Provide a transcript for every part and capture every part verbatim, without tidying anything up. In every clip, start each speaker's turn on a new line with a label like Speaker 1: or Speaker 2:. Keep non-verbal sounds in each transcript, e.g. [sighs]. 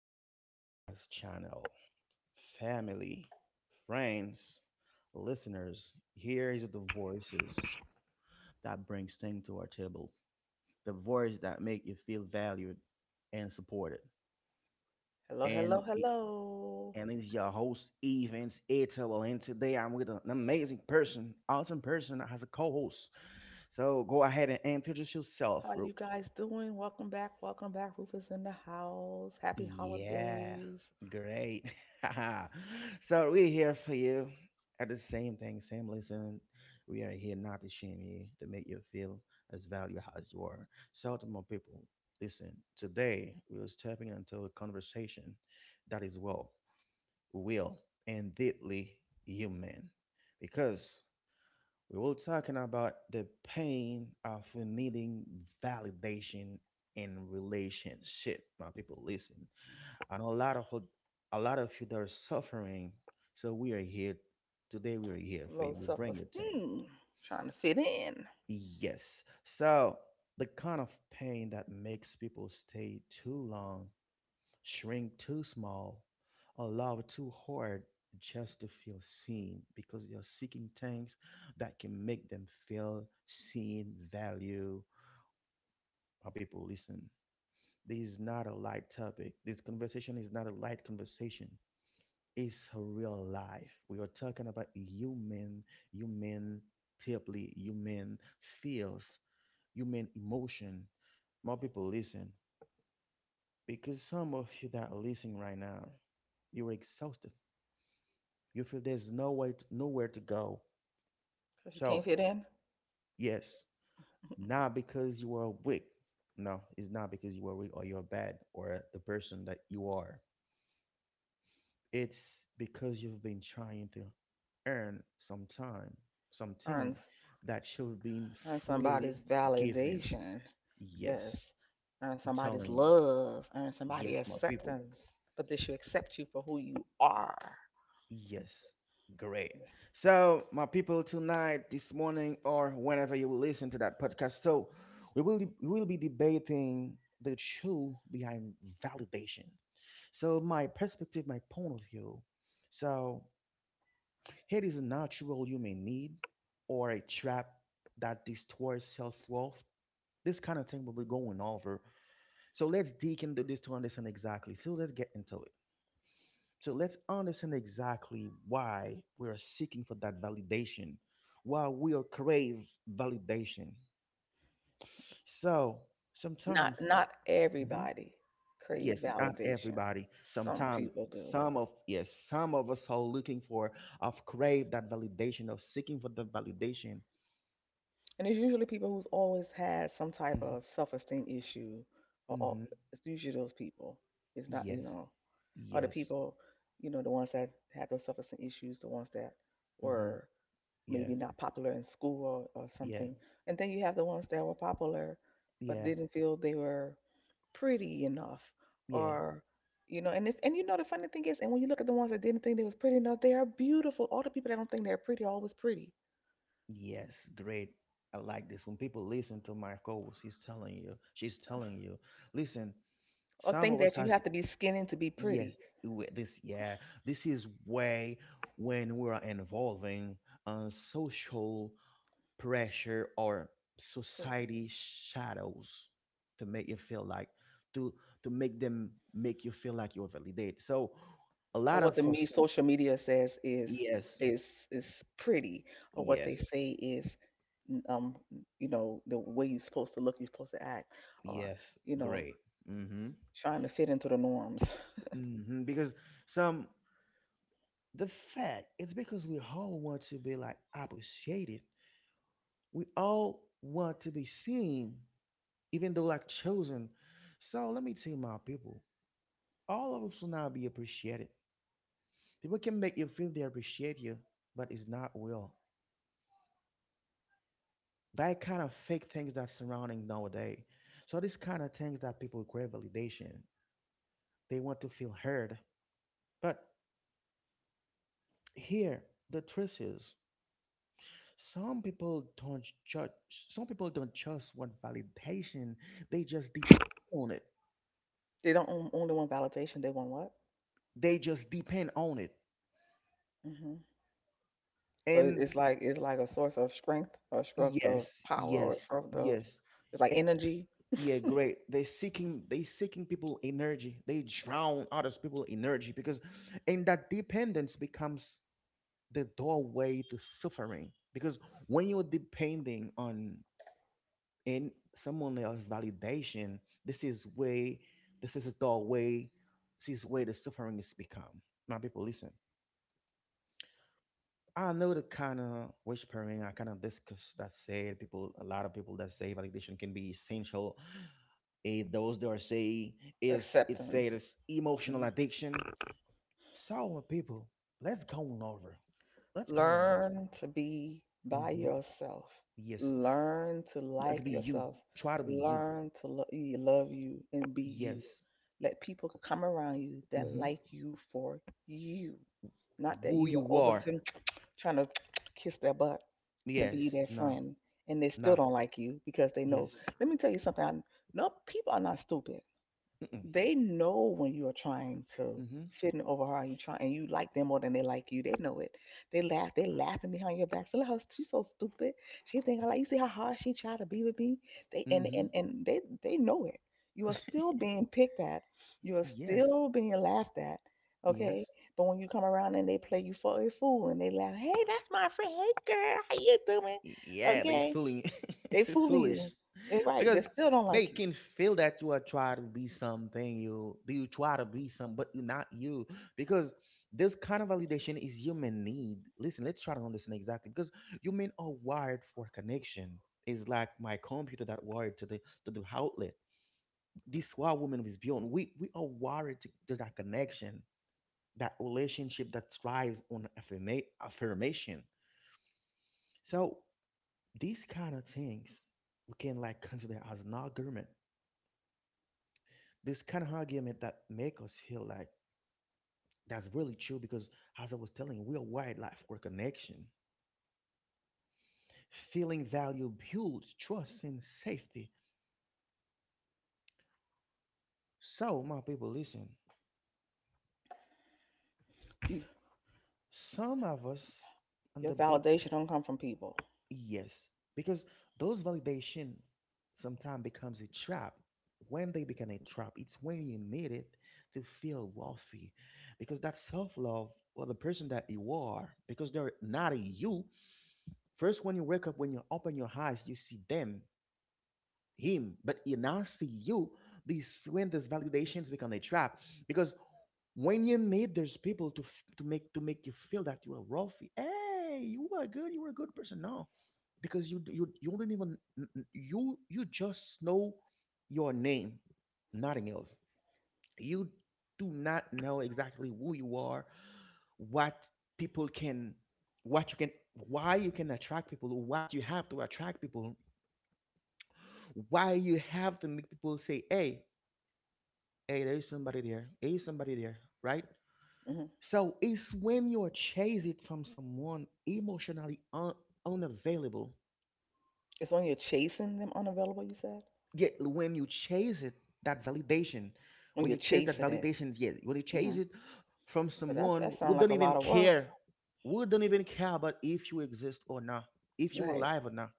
Speaker 1: our podcast channel. Family, friends, listeners, here is the voices that brings things to our table. The voice that make you feel valued and supported.
Speaker 2: Hello,
Speaker 1: And
Speaker 2: hello,
Speaker 1: it,
Speaker 2: hello.
Speaker 1: and it's your host, Evans Ato. And today I'm with an amazing person, awesome person that has a co-host. So go ahead and introduce yourself,
Speaker 2: How you
Speaker 1: Ruth.
Speaker 2: guys doing? Welcome back. Welcome back. Rufus in the house. Happy
Speaker 1: Yeah,
Speaker 2: holidays.
Speaker 1: great. [laughs] So we're here for you. At the same thing, same listen. We are here not to shame you, to make you feel as valuable as you are. So to my people, listen. Today we are stepping into a conversation that is well, real, and deeply human, because we will talking about the pain of needing validation in relationship. My people, listen, and a lot of a lot of you that are suffering. So we are here today. We are here for you.
Speaker 2: Low
Speaker 1: We bring you thing.
Speaker 2: self-esteem. Trying to fit in.
Speaker 1: Yes. So the kind of pain that makes people stay too long, shrink too small, or love too hard just to feel seen, because they are seeking things that can make them feel seen, value. Our people, listen. This is not a light topic. This conversation is not a light conversation. Is her real life. We are talking about human, human deeply, human feels, human emotion. More people listen, because some of you that are listening right now, you're exhausted. You feel there's no way, to, nowhere to go.
Speaker 2: Because you can't
Speaker 1: So
Speaker 2: fit in.
Speaker 1: yes,
Speaker 2: [laughs]
Speaker 1: not because you are weak. No, it's not because you are weak or you're bad or the person that you are. It's because you've been trying to earn some time, something
Speaker 2: Earn,
Speaker 1: that should have been
Speaker 2: earn
Speaker 1: freely
Speaker 2: somebody's
Speaker 1: given.
Speaker 2: validation.
Speaker 1: Yes,
Speaker 2: Yes. Earn
Speaker 1: I'm
Speaker 2: somebody's
Speaker 1: telling you.
Speaker 2: love, earn somebody's
Speaker 1: Yes, my people.
Speaker 2: acceptance, but they should accept you for who you are.
Speaker 1: Yes, great. So, my people, tonight, this morning, or whenever you will listen to that podcast, so we will we will be debating the truth behind validation. So, my perspective, my point of view. So. Hate is a natural human need or a trap that distorts self worth. This kind of thing will be going over. So let's dig into this to understand exactly. So let's get into it. So let's understand exactly why we are seeking for that validation, why we are crave validation. So
Speaker 2: Not
Speaker 1: sometimes,
Speaker 2: not
Speaker 1: mhm,
Speaker 2: everybody crave
Speaker 1: yes, not
Speaker 2: validation.
Speaker 1: everybody.
Speaker 2: Some
Speaker 1: Sometimes
Speaker 2: people do.
Speaker 1: some of, yes, some of us are looking for of crave that validation, of seeking for that validation.
Speaker 2: And it's usually people who's always had some type
Speaker 1: Mm-hmm.
Speaker 2: of self-esteem issue or, or
Speaker 1: Mm-hmm.
Speaker 2: it's usually those people. It's not, you
Speaker 1: Yes.
Speaker 2: know, or the
Speaker 1: Yes.
Speaker 2: people, you know, the ones that had those self-esteem issues, the ones that
Speaker 1: Mm-hmm.
Speaker 2: were
Speaker 1: Yeah.
Speaker 2: maybe not popular in school, or, or
Speaker 1: Yeah.
Speaker 2: something. And then you have the ones that were popular but
Speaker 1: Yeah.
Speaker 2: didn't feel they were pretty enough,
Speaker 1: Yeah.
Speaker 2: or you know. And if, and you know, the funny thing is, and when you look at the ones that didn't think they was pretty enough, they are beautiful. All the people that don't think they're pretty are always pretty,
Speaker 1: Yes. Great. I like this. When people listen to my co-host, he's telling you, she's telling you, listen,
Speaker 2: or
Speaker 1: some
Speaker 2: think
Speaker 1: of us
Speaker 2: that you
Speaker 1: has,
Speaker 2: have to be skinny to be
Speaker 1: yeah,
Speaker 2: pretty.
Speaker 1: we- this yeah, this is way when we are involving uh, social pressure or
Speaker 2: So
Speaker 1: society shadows to make you feel like to to make them make you feel like you're validated. So a
Speaker 2: or
Speaker 1: lot of
Speaker 2: what the me
Speaker 1: us,
Speaker 2: social media says is
Speaker 1: yes,
Speaker 2: is is pretty, or what they
Speaker 1: yes,
Speaker 2: say is, um you know, the way you're supposed to look, you're supposed to act, or
Speaker 1: yes.
Speaker 2: you know,
Speaker 1: Great. Mm-hmm.
Speaker 2: trying to fit into the norms.
Speaker 1: Mm-hmm. Because some the fact is because we all want to be like appreciated. We all want to be seen, even though like chosen. So let me tell my people, all of us will not be appreciated. People can make you feel they appreciate you, but it's not real. That kind of fake things that's surrounding nowadays. So these kind of things that people crave validation. They want to feel heard. But here, the truth is, some people don't judge. Some people don't just want validation. They just depend on it.
Speaker 2: They don't on- only want validation; they want what?
Speaker 1: They just depend on it.
Speaker 2: hmm So it-
Speaker 1: And
Speaker 2: it's like, it's like a source of strength, or a strength of
Speaker 1: yes,
Speaker 2: power, or a
Speaker 1: yes,
Speaker 2: strength of,
Speaker 1: yes.
Speaker 2: it's like
Speaker 1: Eh,
Speaker 2: energy,
Speaker 1: yeah, great. They seeking. They seeking people energy. They drown others people energy because, and that dependence becomes the doorway to suffering. Because when you're depending on and someone else's validation. This is way, this is the way, this is where the suffering is become. My people listen. I know the kind of whispering, I kind of discuss that said people, a lot of people that say validation can be essential. Eh, those that are say is it said
Speaker 2: acceptance.
Speaker 1: it's emotional
Speaker 2: Mhm.
Speaker 1: addiction. So my people, let's go on over. Let's go on over.
Speaker 2: Learn to be by
Speaker 1: Mm-hmm.
Speaker 2: yourself.
Speaker 1: Yes,
Speaker 2: Learn to
Speaker 1: let be
Speaker 2: like
Speaker 1: you.
Speaker 2: yourself.
Speaker 1: Try to be you.
Speaker 2: Learn to lo- y- love you and be you.
Speaker 1: Yes.
Speaker 2: Let people come around you that
Speaker 1: Mm-hmm.
Speaker 2: like you for you, not that
Speaker 1: Who
Speaker 2: you are
Speaker 1: you
Speaker 2: over,
Speaker 1: are.
Speaker 2: trying to [tsk] kiss their butt to be
Speaker 1: Yes.
Speaker 2: their
Speaker 1: Nah.
Speaker 2: friend, and they still
Speaker 1: Nah.
Speaker 2: don't like you because they know.
Speaker 1: Yes.
Speaker 2: Let me tell you something. I, no, people are not stupid.
Speaker 1: Mm-mm.
Speaker 2: They know when you are trying to
Speaker 1: Mhm.
Speaker 2: fit in over her, and you try, and you like them more than they like you. They know it. They laugh. They laughing behind your back. So look, her, she's so stupid. She think I like you. See how hard she tried to be with me. They and
Speaker 1: Mhm.
Speaker 2: and and they they know it. You are still being picked at. You are
Speaker 1: Yes.
Speaker 2: still being laughed at. Okay,
Speaker 1: Yes.
Speaker 2: but when you come around and they play you for a fool and they laugh, hey, that's my friend. Hey, girl, how you doing?
Speaker 1: Y- yeah, they
Speaker 2: Okay,
Speaker 1: fooling.
Speaker 2: they
Speaker 1: [laughs] It's
Speaker 2: fooling
Speaker 1: foolish
Speaker 2: you. It's right. They
Speaker 1: because
Speaker 2: still don't
Speaker 1: they
Speaker 2: like you.
Speaker 1: can feel that you are trying to be something. You do you try to be some, but you're not you, because this kind of validation is human need. Listen, let's try to understand exactly because human are wired for connection. Is like my computer that wired to the to the outlet. This is why women is beyond. We we are wired to, to that connection, that relationship that thrives on affirma- affirmation. So these kind of things we can like consider as an argument. This kind of argument that make us feel like that's really true because as I was telling, you, we are wired life for connection. Feeling value builds trust and safety. So my people listen,
Speaker 2: You
Speaker 1: some of us on
Speaker 2: your
Speaker 1: the be-
Speaker 2: validation don't come from people.
Speaker 1: Yes, because those validation sometimes becomes a trap. When they become a trap, it's when you need it to feel wealthy, because that self love or the person that you are, because they're not a you. First, when you wake up, when you open your eyes, you see them, him, but you now see you. This when these validations become a trap, because when you meet made there's people to f- to make to make you feel that you are wealthy, hey, you are good, you are a good person. No, because you d- you you don't even n- n- you you just know your name, nothing else. You do not know exactly who you are, what people can, what you can, why you can attract people, what you have to attract people, why you have to make people say, hey, hey, there is somebody there, hey, somebody there, right?
Speaker 2: hmm
Speaker 1: So it's when you're chase it from someone emotionally un- unavailable.
Speaker 2: It's when you're chasing them unavailable, you said?
Speaker 1: Yet when you chase it, that validation,
Speaker 2: When
Speaker 1: when
Speaker 2: you're
Speaker 1: you chase that
Speaker 2: chasing it.
Speaker 1: validation, yes. When you chase
Speaker 2: hmm
Speaker 1: it from
Speaker 2: But that's,
Speaker 1: someone
Speaker 2: that
Speaker 1: who
Speaker 2: sounds like
Speaker 1: don't
Speaker 2: a
Speaker 1: even
Speaker 2: lot of work.
Speaker 1: care, who don't even care about if you exist or not, if you're
Speaker 2: Right.
Speaker 1: alive or not.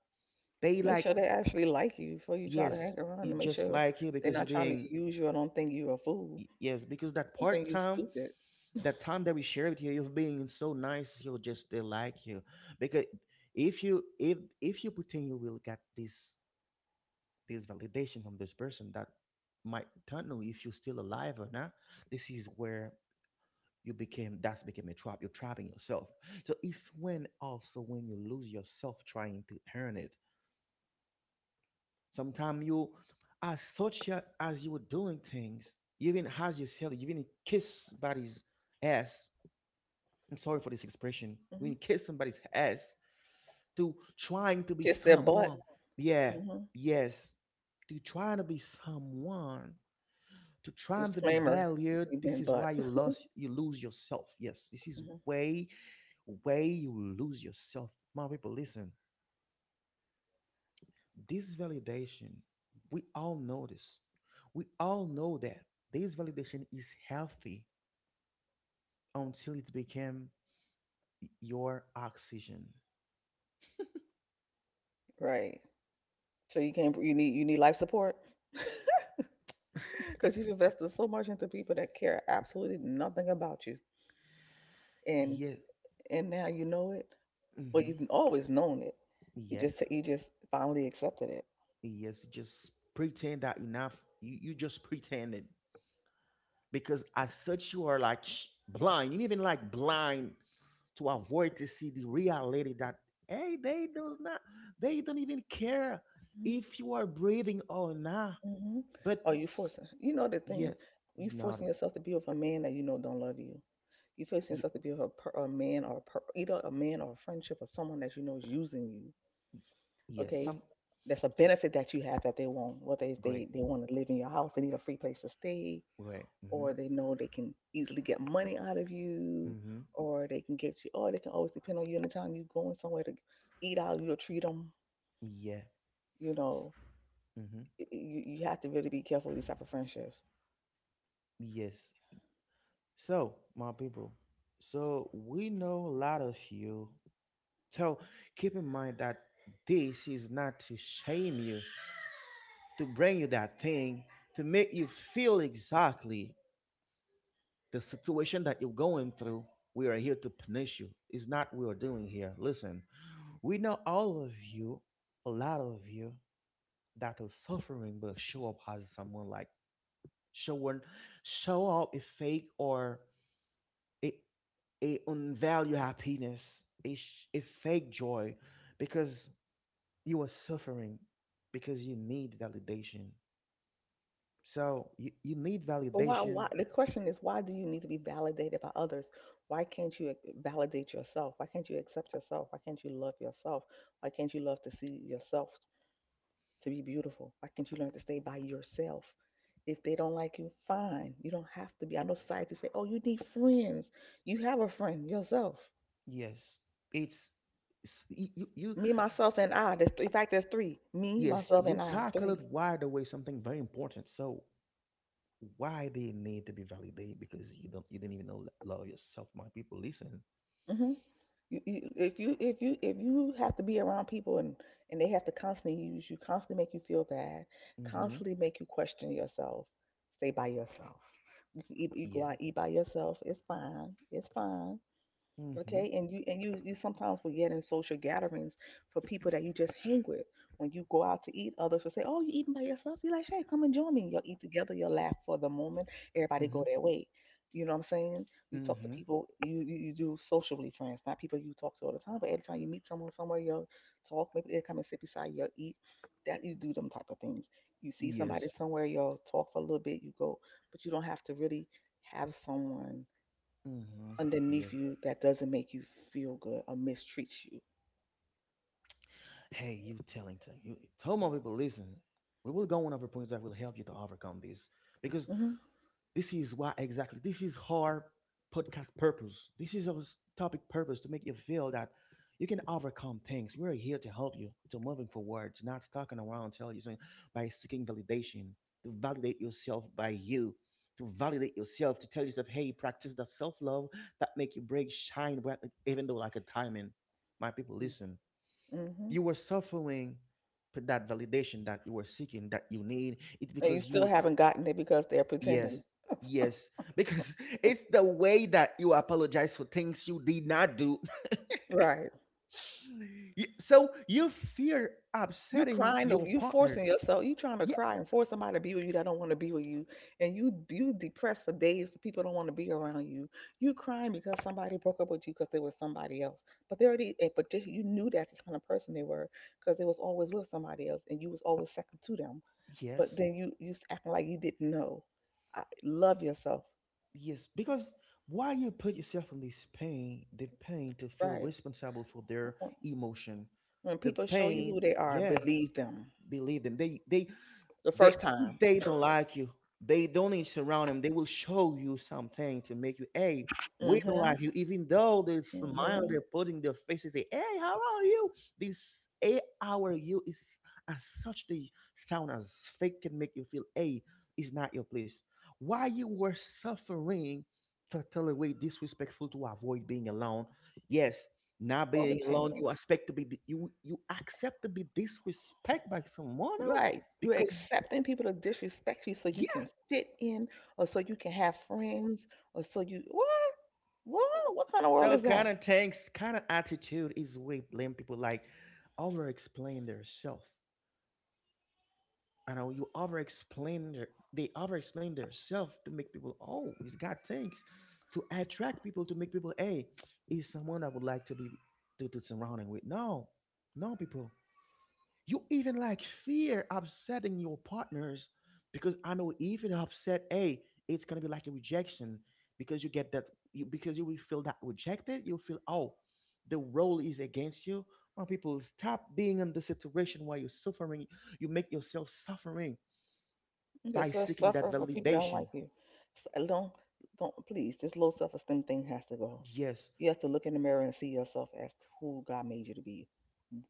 Speaker 1: They
Speaker 2: Make
Speaker 1: like,
Speaker 2: sure they actually like you before you try to
Speaker 1: yes,
Speaker 2: hang around,
Speaker 1: you
Speaker 2: and make
Speaker 1: just
Speaker 2: sure
Speaker 1: like you
Speaker 2: they're
Speaker 1: because you're
Speaker 2: not trying to
Speaker 1: being,
Speaker 2: use you. I don't think you're a fool.
Speaker 1: y- yes, because that
Speaker 2: I don't
Speaker 1: part
Speaker 2: think you're
Speaker 1: time.
Speaker 2: stupid.
Speaker 1: That time that we shared with you, you've been so nice, you just they like you, because if you if if you pretend, you will get this, this validation from this person that might don't know if you're still alive or not. This is where you became, that's became a trap, you're trapping yourself. So it's when also when you lose yourself trying to earn it. Sometimes you as such a- as you were doing things even as yourself, even kiss body's ass. I'm sorry for this expression. When
Speaker 2: hmm
Speaker 1: you kiss somebody's ass to trying to be
Speaker 2: Kiss their butt.
Speaker 1: someone. Yeah,
Speaker 2: hmm
Speaker 1: yes. To trying to be someone, to trying to be
Speaker 2: Disclaimer,
Speaker 1: valued.
Speaker 2: you've
Speaker 1: This
Speaker 2: been
Speaker 1: is
Speaker 2: butt.
Speaker 1: why you
Speaker 2: [laughs]
Speaker 1: lost, you lose yourself. Yes, this is
Speaker 2: hmm
Speaker 1: way, way you lose yourself. My people, listen. This validation, we all know this. We all know that this validation is healthy until it became your oxygen.
Speaker 2: Right. So you can't, you need, you need life support. [laughs] Because you've invested so much into people that care absolutely nothing about you. And,
Speaker 1: Yeah.
Speaker 2: and now you know it. Well,
Speaker 1: Hmm.
Speaker 2: you've always known it. You just
Speaker 1: Yes.
Speaker 2: you just finally accepted it.
Speaker 1: Yes, just pretend that enough. You, you just pretended because as such you are like sh- blind. You even like blind to avoid to see the reality that hey, they does not. They don't even care if you are breathing or not.
Speaker 2: Mm-hmm.
Speaker 1: But
Speaker 2: Oh, you forcing. You know the
Speaker 1: yeah,
Speaker 2: thing.
Speaker 1: you
Speaker 2: You forcing
Speaker 1: nodded.
Speaker 2: yourself to be with a man that you know don't love you. You forcing
Speaker 1: Yes,
Speaker 2: yourself to be with a, per, a man or a per, either a man or a friendship or someone that you know is using you.
Speaker 1: yeah,
Speaker 2: Okay,
Speaker 1: some
Speaker 2: that's a
Speaker 1: so-
Speaker 2: benefit that you have that they want. Whether it's
Speaker 1: great.
Speaker 2: they they want to live in your house, they need a free place to stay,
Speaker 1: Great. Mm-hmm.
Speaker 2: or they know they can easily get money out of you,
Speaker 1: Mm-hmm.
Speaker 2: or they can get you, or they can always depend on you anytime you going somewhere to eat out. You'll treat them.
Speaker 1: Yeah.
Speaker 2: You know,
Speaker 1: Mm-hmm.
Speaker 2: y- you, you have to really be careful with these type of friendships.
Speaker 1: Yes. So my people, so we know a lot of you. So keep in mind that this is not to shame you, to bring you that thing, to make you feel exactly the situation that you're going through. We are here to punish you. It's not what we are doing here. Listen, we know all of you, a lot of you that are suffering, but show up as someone like showing, show up a fake or a a unvalued happiness, a sh- a fake joy, because you are suffering, because you need validation. So you, you need
Speaker 2: But why
Speaker 1: validation.
Speaker 2: why the question is, why do you need to be validated by others? Why can't you ac- validate yourself? Why can't you accept yourself? Why can't you love yourself? Why can't you love to see yourself to be beautiful? Why can't you learn to stay by yourself? If they don't like you, fine. You don't have to be. I know society say, oh, you need friends. You have a friend yourself.
Speaker 1: Yes, it's, it's you, you you-
Speaker 2: Me, myself, and I. there's th- in fact, there's three: me,
Speaker 1: yes,
Speaker 2: myself,
Speaker 1: you
Speaker 2: and I.
Speaker 1: tackled
Speaker 2: three.
Speaker 1: right away something very important. So why they need to be validated, because you don't you didn't even know love yourself. My people, listen.
Speaker 2: Mhm. You, you, if you if you if you have to be around people, and and they have to constantly use you, constantly make you feel bad,
Speaker 1: Mm-hmm.
Speaker 2: constantly make you question yourself, stay by yourself. You can eat, you go
Speaker 1: Yeah.
Speaker 2: out eat by yourself. It's fine. It's fine.
Speaker 1: Mm-hmm.
Speaker 2: Okay, and you and you you sometimes will get in social gatherings for people that you just hang with. When you go out to eat, others will say, oh, you eating by yourself? You are like, hey, come and join me. You will eat together, you'll laugh for the moment, everybody
Speaker 1: Mm-hmm.
Speaker 2: go their way. You know what I'm saying? You talk to
Speaker 1: Mm-hmm.
Speaker 2: people, you you, you do socially friends, not people you talk to all the time, but every time you meet someone somewhere, you'll talk, maybe they'll come and sit beside you, you'll eat. That You do them type of things. You see somebody
Speaker 1: Yes.
Speaker 2: somewhere, you'll talk for a little bit, you go. But you don't have to really have someone
Speaker 1: Mm-hmm. Yeah.
Speaker 2: underneath you that doesn't make you feel good or mistreats you.
Speaker 1: Hey, you telling to you tell my people, listen. We will go on over points that will help you to overcome this because
Speaker 2: hmm
Speaker 1: this is why exactly. This is our podcast purpose. This is our topic purpose to make you feel that you can overcome things. We're here to help you to moving forward, to not stalking around, tell you something by seeking validation, to validate yourself by you, to validate yourself, to tell yourself, hey, practice that self love that make you break shine, bright, even though like a timing. My people, listen.
Speaker 2: hmm
Speaker 1: You were suffering for that validation that you were seeking, that you need. It's
Speaker 2: And you
Speaker 1: because you
Speaker 2: still
Speaker 1: were
Speaker 2: haven't gotten it because they're
Speaker 1: Yes.
Speaker 2: pretending.
Speaker 1: Yes. Because [laughs] it's the way that you apologize for things you did not do. [sighs]
Speaker 2: Right.
Speaker 1: [laughs] Y- so you fear
Speaker 2: You're
Speaker 1: upsetting
Speaker 2: crying. over-
Speaker 1: your
Speaker 2: You forcing
Speaker 1: partner.
Speaker 2: yourself. You trying to
Speaker 1: Yeah.
Speaker 2: cry and force somebody to be with you that don't want to be with you, and you you depressed for days. People don't want to be around you. You crying because somebody broke up with you because they were somebody else. But they already. eh, But they- you knew that's the kind of person they were because they was always with somebody else, and you was always second to them. But
Speaker 1: Yes.
Speaker 2: then you you s- acting like you didn't know. I, love yourself.
Speaker 1: Yes. Because why you put yourself in this pain, the pain to feel
Speaker 2: Right.
Speaker 1: responsible for their
Speaker 2: Mm.
Speaker 1: emotion,
Speaker 2: When
Speaker 1: the
Speaker 2: people show you who
Speaker 1: pain.
Speaker 2: they are,
Speaker 1: Yeah.
Speaker 2: believe them
Speaker 1: Believe them. They they
Speaker 2: the
Speaker 1: They,
Speaker 2: first
Speaker 1: if
Speaker 2: time.
Speaker 1: they don't like you, they don't need to surround them. They will show you something to make you, hey,
Speaker 2: mm
Speaker 1: we don't like you,
Speaker 2: Mhm.
Speaker 1: even though they
Speaker 2: mm
Speaker 1: smile,
Speaker 2: Mhm.
Speaker 1: they're putting their faces, say, hey, how are you? This hey, how are you is as such the sound as fake can make you feel, hey, it's not your place. Why you were suffering totally way disrespectful to avoid being alone. Yes, not
Speaker 2: Or the
Speaker 1: being
Speaker 2: pain.
Speaker 1: alone, you expect to be you you accept to be disrespect by someone else
Speaker 2: Right. You're
Speaker 1: because
Speaker 2: accepting people to disrespect you so you
Speaker 1: yeah.
Speaker 2: can fit in, or so you can have friends, or so you what? What? What kind of world
Speaker 1: So
Speaker 2: is
Speaker 1: kind
Speaker 2: that?
Speaker 1: of tanks, kind of attitude is we blame people like over explain their self. I know you over explain their they over explain their self to make people oh he's got tanks to attract people to make people hey he's someone I would like to be to, to surrounding with. No, no people. You even like fear upsetting your partners because I know even upset, hey, it's gonna be like a rejection because you get that you, because you will feel that rejected. You'll feel oh, the role is against you. Well, people stop being in the situation where you're suffering. You make yourself suffering
Speaker 2: You
Speaker 1: by
Speaker 2: just uh,
Speaker 1: seeking that
Speaker 2: suffer for people that don't
Speaker 1: validation.
Speaker 2: like you. S- uh, Don't don't please. This low self esteem thing has to go.
Speaker 1: Yes,
Speaker 2: You have to look in the mirror and see yourself as who God made you to be.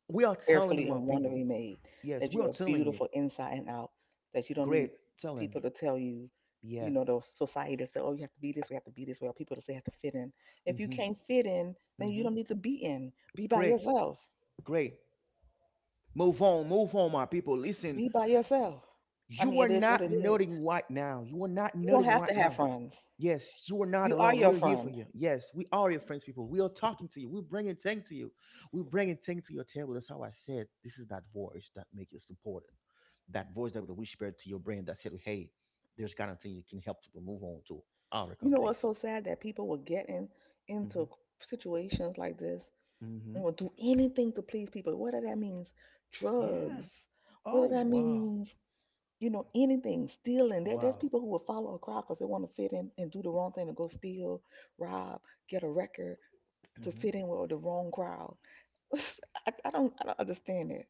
Speaker 1: we are telling you,
Speaker 2: Carefully
Speaker 1: my
Speaker 2: and
Speaker 1: people.
Speaker 2: wonderfully made,
Speaker 1: Yes,
Speaker 2: that
Speaker 1: we
Speaker 2: you
Speaker 1: are
Speaker 2: are
Speaker 1: telling you.
Speaker 2: beautiful inside and out, that you don't need
Speaker 1: Great, tell him.
Speaker 2: people to tell you,
Speaker 1: Yeah.
Speaker 2: you know, those society that say, oh, you have to be this way, you have to be this way, or people that say you have to fit in. If you
Speaker 1: Mhm.
Speaker 2: can't fit in, then you
Speaker 1: Mhm.
Speaker 2: don't need to be in. Be by
Speaker 1: Great,
Speaker 2: yourself.
Speaker 1: great. Move on, move on, my people. Listen,
Speaker 2: Be by yourself. I mean,
Speaker 1: you are
Speaker 2: it is what
Speaker 1: not
Speaker 2: it is.
Speaker 1: nothing right now. You are not
Speaker 2: You don't
Speaker 1: nothing
Speaker 2: have
Speaker 1: right
Speaker 2: to have
Speaker 1: now.
Speaker 2: friends.
Speaker 1: Yes, you are not
Speaker 2: You are
Speaker 1: alone. We
Speaker 2: your
Speaker 1: are here for
Speaker 2: friend.
Speaker 1: you. Yes, we are your friends, people. We are talking to you. We're bringing things to you. We're bringing things to your table. That's how I said. This is that voice that makes you supported. That voice that will whisper to your brain that said, "Hey, there's kind of thing you can help people move on to
Speaker 2: You
Speaker 1: overcome
Speaker 2: know what's
Speaker 1: things."
Speaker 2: so sad, that people were getting
Speaker 1: hmm
Speaker 2: into situations like this
Speaker 1: hmm
Speaker 2: and will do anything to please people, whether that means drugs,
Speaker 1: Yeah.
Speaker 2: whether
Speaker 1: Oh
Speaker 2: that
Speaker 1: wow,
Speaker 2: means, you know, anything, stealing. There, there's
Speaker 1: wow.
Speaker 2: people who will follow a crowd because they want to fit in and do the wrong thing, to go steal, rob, get a record to
Speaker 1: Mm-hmm.
Speaker 2: fit in with the wrong crowd. [laughs] I, I don't I don't understand it.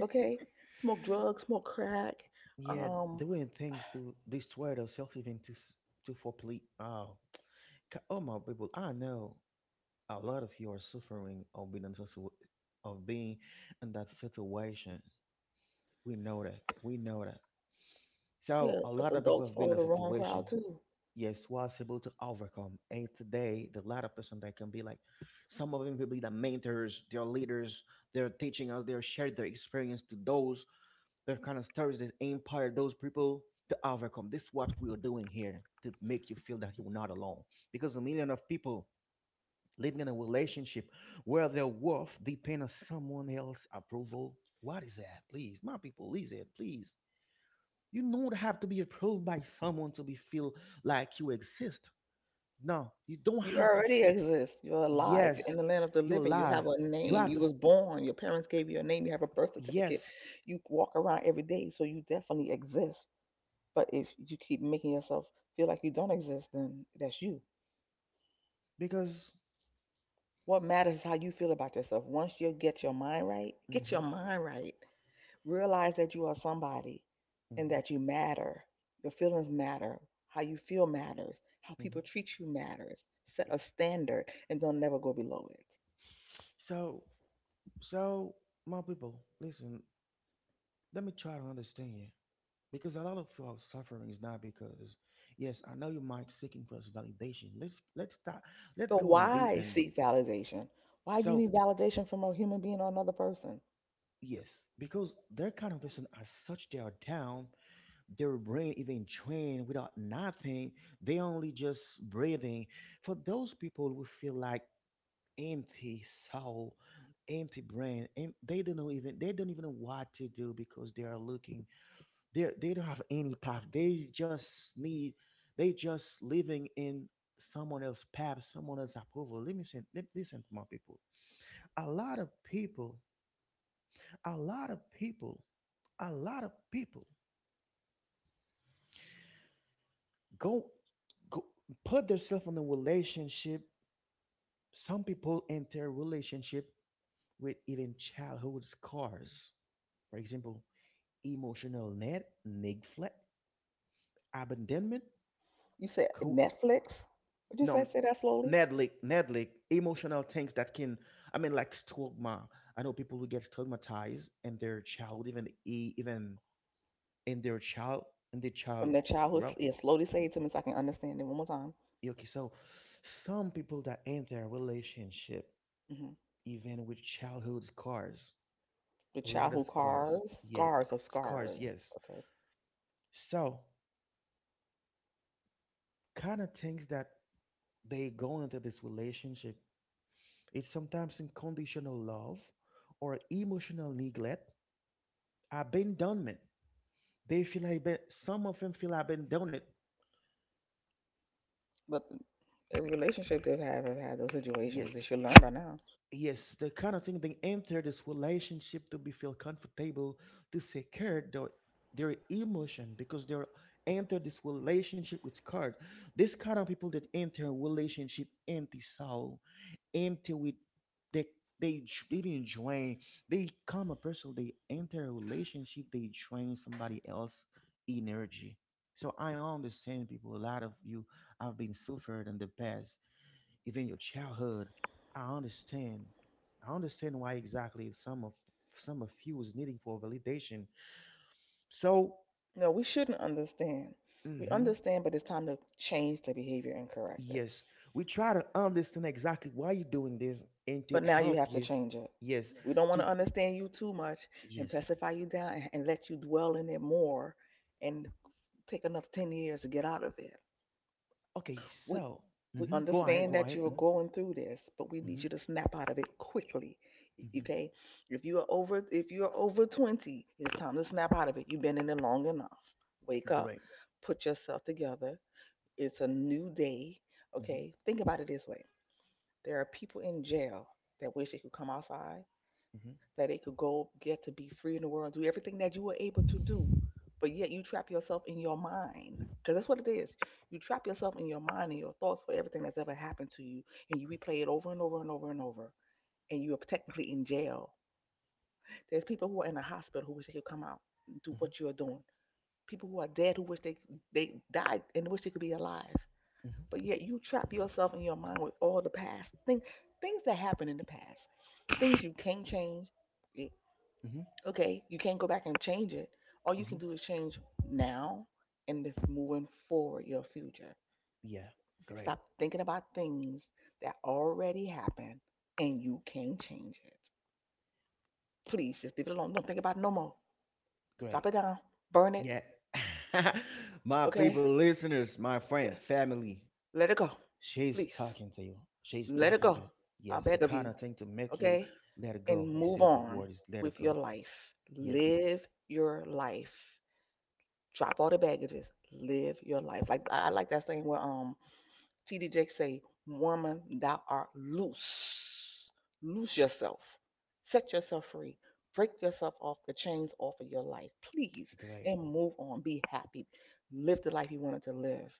Speaker 2: Okay, smoke drugs, smoke crack.
Speaker 1: Yeah,
Speaker 2: Um,
Speaker 1: doing things to destroy yourself, even to s- to for plea. Oh, c- oh my people! I know a lot of you are suffering of being in such a w- of being in that situation. We know that. We know that. So
Speaker 2: yeah,
Speaker 1: a lot
Speaker 2: because
Speaker 1: of people
Speaker 2: adults
Speaker 1: have been
Speaker 2: follow
Speaker 1: in a
Speaker 2: the wrong
Speaker 1: situation.
Speaker 2: crowd too.
Speaker 1: Yes, was able to overcome. And today, the lot of person that can be like, some of them will be the mentors, their leaders. They're teaching us. They're sharing their experience to those they're kind of stories that empower those people to overcome. This is what we are doing here to make you feel that you're not alone. Because a million of people living in a relationship where their worth depends on someone else's approval. What is that? Please, my people, please, it, please. You don't have to be approved by someone to be feel like you exist. No, you don't
Speaker 2: You
Speaker 1: have to.
Speaker 2: already exist. You're alive. You're
Speaker 1: Yes,
Speaker 2: in the land of the
Speaker 1: you're
Speaker 2: living. You
Speaker 1: alive.
Speaker 2: have a
Speaker 1: You
Speaker 2: name.
Speaker 1: have
Speaker 2: You
Speaker 1: to.
Speaker 2: was born. Your parents gave you a name. You have a birth certificate.
Speaker 1: Yes,
Speaker 2: You walk around every day, so you definitely exist. But if you keep making yourself feel like you don't exist, then that's you.
Speaker 1: because.
Speaker 2: What matters is how you feel about yourself. Once you get your mind right, get your
Speaker 1: hmm
Speaker 2: mind right. Realize that you are somebody, and
Speaker 1: hmm
Speaker 2: that you matter. Your feelings matter. How you feel matters. How people treat you matters. Set a standard and don't never go below it.
Speaker 1: So, so my people, listen. Let me try to understand you because a lot of your suffering is not because. Yes, I know you might seeking for validation. Let's let's start. Let's
Speaker 2: So
Speaker 1: go in deep
Speaker 2: why
Speaker 1: and do.
Speaker 2: seek validation? Why do you
Speaker 1: So
Speaker 2: need validation from a human being or another person?
Speaker 1: yes, because they're kind of person as such they are down. Their brain even trained without nothing. They only just breathing. For those people who feel like empty soul, empty brain, and they don't know even they don't even know what to do because they are looking they they don't have any path. They just need they just living in someone else's path, someone else's approval. Let me say, let listen to my people. A lot of people, a lot of people, a lot of people go go put themselves in a relationship. Some people enter relationship with even childhood scars. For example, emotional Ned, Nick Fleck, abandonment,
Speaker 2: You said
Speaker 1: co-
Speaker 2: Netflix? Would you say
Speaker 1: no,
Speaker 2: say that slowly?
Speaker 1: Ned Lick, Ned Lick, emotional things that can, I mean, like stigma. I know people who get stigmatized in their child, even e- even in their child, in their
Speaker 2: From
Speaker 1: child
Speaker 2: the childhood,
Speaker 1: grow
Speaker 2: yeah, slowly
Speaker 1: Y-
Speaker 2: say it to me so I can understand it one more time.
Speaker 1: Okay, so some people that end their relationship,
Speaker 2: hmm
Speaker 1: even with childhood scars,
Speaker 2: The
Speaker 1: a lot of
Speaker 2: childhood who
Speaker 1: scars,
Speaker 2: cars
Speaker 1: yeah,
Speaker 2: scars of
Speaker 1: scars,
Speaker 2: scars.
Speaker 1: yes.
Speaker 2: Okay,
Speaker 1: So kind of things that they go into this relationship, it's sometimes unconditional love or emotional neglect, abandonment. They feel like aban- some of them feel abandoned.
Speaker 2: but every relationship they've had have had those situations. They
Speaker 1: Yes,
Speaker 2: should learn by now.
Speaker 1: yes, the kind of thing they enter this relationship to be feel comfortable, to secure their, their emotion because they're enter this relationship with card. This kind of people that enter relationship empty soul empty with they they dr- even drain they come a person they enter a relationship they drain somebody else energy so I understand people a lot of you have been suffered in the past even your childhood I understand I understand why exactly some of some of you is needing for validation so
Speaker 2: No, we shouldn't understand. We
Speaker 1: hmm
Speaker 2: understand, but it's time to change the behavior and correct it.
Speaker 1: yes we try to understand exactly why you're doing this and to
Speaker 2: But now you
Speaker 1: help
Speaker 2: have to
Speaker 1: you
Speaker 2: change it.
Speaker 1: yes
Speaker 2: We don't want
Speaker 1: to
Speaker 2: to understand you too much and
Speaker 1: yes.
Speaker 2: pacify you down and, and let you dwell in it more and take another ten years to get out of it.
Speaker 1: Okay,
Speaker 2: We,
Speaker 1: so
Speaker 2: we
Speaker 1: mhm, go ahead,
Speaker 2: understand
Speaker 1: go
Speaker 2: that
Speaker 1: ahead.
Speaker 2: you're
Speaker 1: Mhm,
Speaker 2: going through this, but we need
Speaker 1: mhm,
Speaker 2: you to snap out of it quickly.
Speaker 1: mhm,
Speaker 2: Okay? If you are over if you're over twenty, it's time to snap out of it. You've been in it long enough. Wake up,
Speaker 1: Great.
Speaker 2: put yourself together. It's a new day.
Speaker 1: Mhm,
Speaker 2: Okay? Think about it this way. There are people in jail that wish they could come outside
Speaker 1: mhm,
Speaker 2: that they could go get to be free in the world and do everything that you were able to do. But yet you trap yourself in your mind. Because that's what it is. You trap yourself in your mind and your thoughts for everything that's ever happened to you. And you replay it over and over and over and over. And you are technically in jail. There's people who are in the hospital who wish they could come out and do
Speaker 1: mhm,
Speaker 2: what you're doing. People who are dead who wish they they died and wish they could be alive. But
Speaker 1: mhm,
Speaker 2: yet you trap yourself in your mind with all the past thing things that happened in the past. Things you can't change, eh,
Speaker 1: mhm,
Speaker 2: okay, you can't go back and change it. All you can
Speaker 1: mhm.
Speaker 2: do is change now and if moving forward your future.
Speaker 1: Yeah, great,
Speaker 2: Stop thinking about things that already happened and you can change it. Please just leave it alone. Don't think about it no more. Drop
Speaker 1: great.
Speaker 2: it down. Burn it.
Speaker 1: Yeah, [laughs] my
Speaker 2: Okay?
Speaker 1: people, listeners, my friend,
Speaker 2: Okay.
Speaker 1: family,
Speaker 2: Let it go.
Speaker 1: she's
Speaker 2: Please.
Speaker 1: talking to you. She's
Speaker 2: Let it
Speaker 1: talking
Speaker 2: go.
Speaker 1: to you.
Speaker 2: I
Speaker 1: Yes, the
Speaker 2: beg of
Speaker 1: kind
Speaker 2: you.
Speaker 1: of thing to make you
Speaker 2: Okay?
Speaker 1: let it
Speaker 2: And
Speaker 1: go. He
Speaker 2: move
Speaker 1: said the
Speaker 2: on
Speaker 1: word is let it
Speaker 2: with your
Speaker 1: go.
Speaker 2: life.
Speaker 1: Yes,
Speaker 2: Live your life. Drop all the baggages, live your life. Like I I like that thing where um T D Jakes say, "Woman, thou art loose, loose yourself, set yourself free, break yourself off the chains off of your life, please,
Speaker 1: great.
Speaker 2: and move on. Be happy, live the life you wanted to live.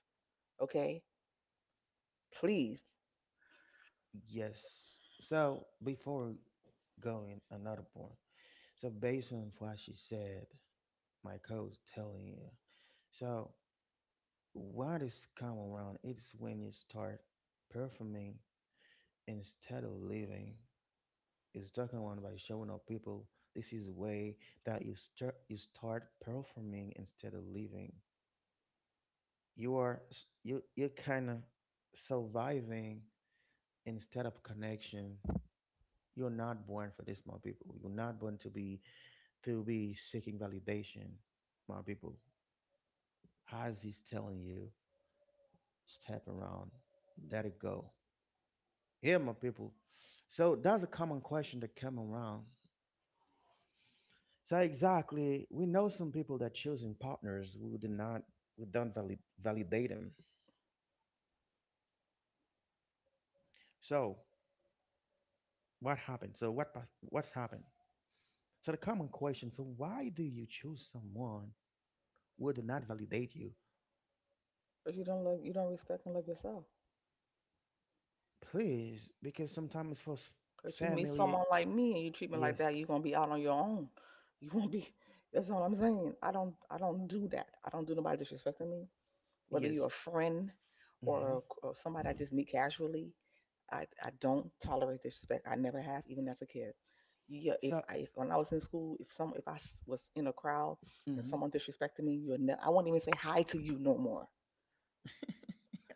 Speaker 2: Okay, please,
Speaker 1: Yes. So before going another point, so based on what she said, my coach telling you. So what is common around it's when you start performing instead of living. It's talking about by showing up people. This is the way that you start you start performing instead of living. You are s- you you're kinda surviving instead of connection. You're not born for this, my people. You're not born to be to be seeking validation, my people. As he's telling you. Step around, let it go. Yeah, my people. So that's a common question that come around. So exactly, we know some people that choosing partners who do not, who don't valid, validate them. So what happened? So what pa- what's happened? So the common question. So why do you choose someone who do not validate you?
Speaker 2: but you don't love, you don't respect and love yourself."
Speaker 1: Please, because sometimes for s-
Speaker 2: Cause you meet
Speaker 1: family,
Speaker 2: someone like me and you treat me
Speaker 1: yes,
Speaker 2: like that, you're gonna be out on your own. You won't be. [laughs] That's all I'm saying. I don't. I don't do that. I don't do nobody disrespecting me. Whether you're
Speaker 1: yes.
Speaker 2: a friend
Speaker 1: hmm
Speaker 2: or, or somebody I just meet casually, I, I don't tolerate disrespect. I never have, even as a kid. Yeah, if
Speaker 1: So,
Speaker 2: I if, when I was in school, if some if I was in a crowd and
Speaker 1: mhm.
Speaker 2: someone disrespected me, you would ne- I wouldn't even say hi to you no more.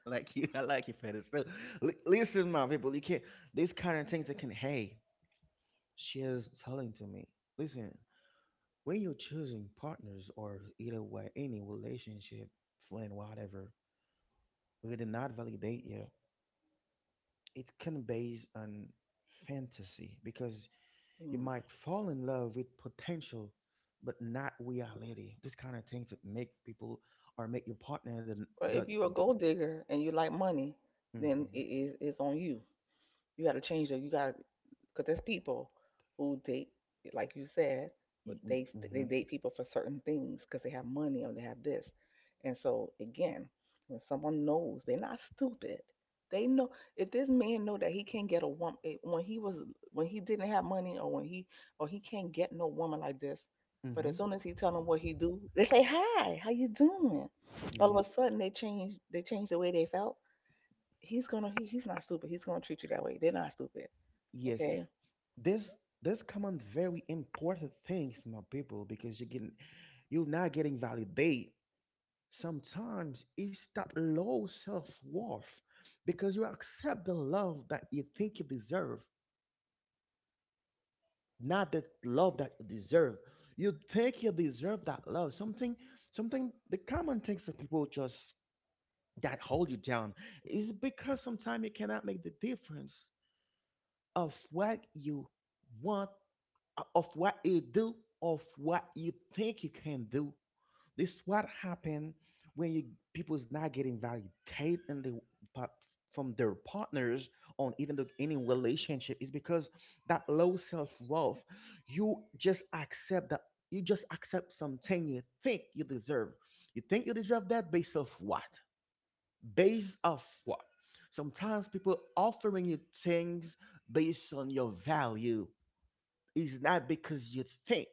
Speaker 1: Like you, [laughs] I like you for this. So, li- listen, my people, you can't. These kind of things that can. Hey, she is telling to me. Listen, when you're choosing partners or either way, any relationship, friend, whatever, we did not validate you. It can base on fantasy because you
Speaker 2: Mm.
Speaker 1: might fall in love with potential, but not reality. This kind of things that make people or make your partner the
Speaker 2: But
Speaker 1: the.
Speaker 2: if you're a
Speaker 1: The
Speaker 2: gold digger and you like money, then
Speaker 1: mm-hmm.
Speaker 2: it is it's on you. You got to change that. You got, because there's people who date, like you said, they they
Speaker 1: Mm-hmm.
Speaker 2: date people for certain things because they have money or they have this. And so again, when someone knows they're not stupid, they know if this man know that he can't get a woman when he was when he didn't have money, or when he or he can't get no woman like this. But
Speaker 1: Mm-hmm.
Speaker 2: as soon as he tell them what he do, they say hi, how you doing? All of
Speaker 1: Yes.
Speaker 2: a sudden they change they change the way they felt. He's gonna he, he's not stupid. He's gonna treat you that way. They're not stupid.
Speaker 1: Yes.
Speaker 2: Okay.
Speaker 1: this this common very important things my people because you can you're not getting validate sometimes it's that low self-worth because you accept the love that you think you deserve not the love that you deserve you think you deserve that love something something the common things that people just that hold you down is because sometimes you cannot make the difference of what you want, uh, of what you do, of what you think you can do. This is what happen when you people's not getting validated in the pa- from their partners on even the any relationship is because that low self worth. You just accept that you just accept something you think you deserve. You think you deserve that based off what? Based off what? Sometimes people offering you things based on your value is not because you think.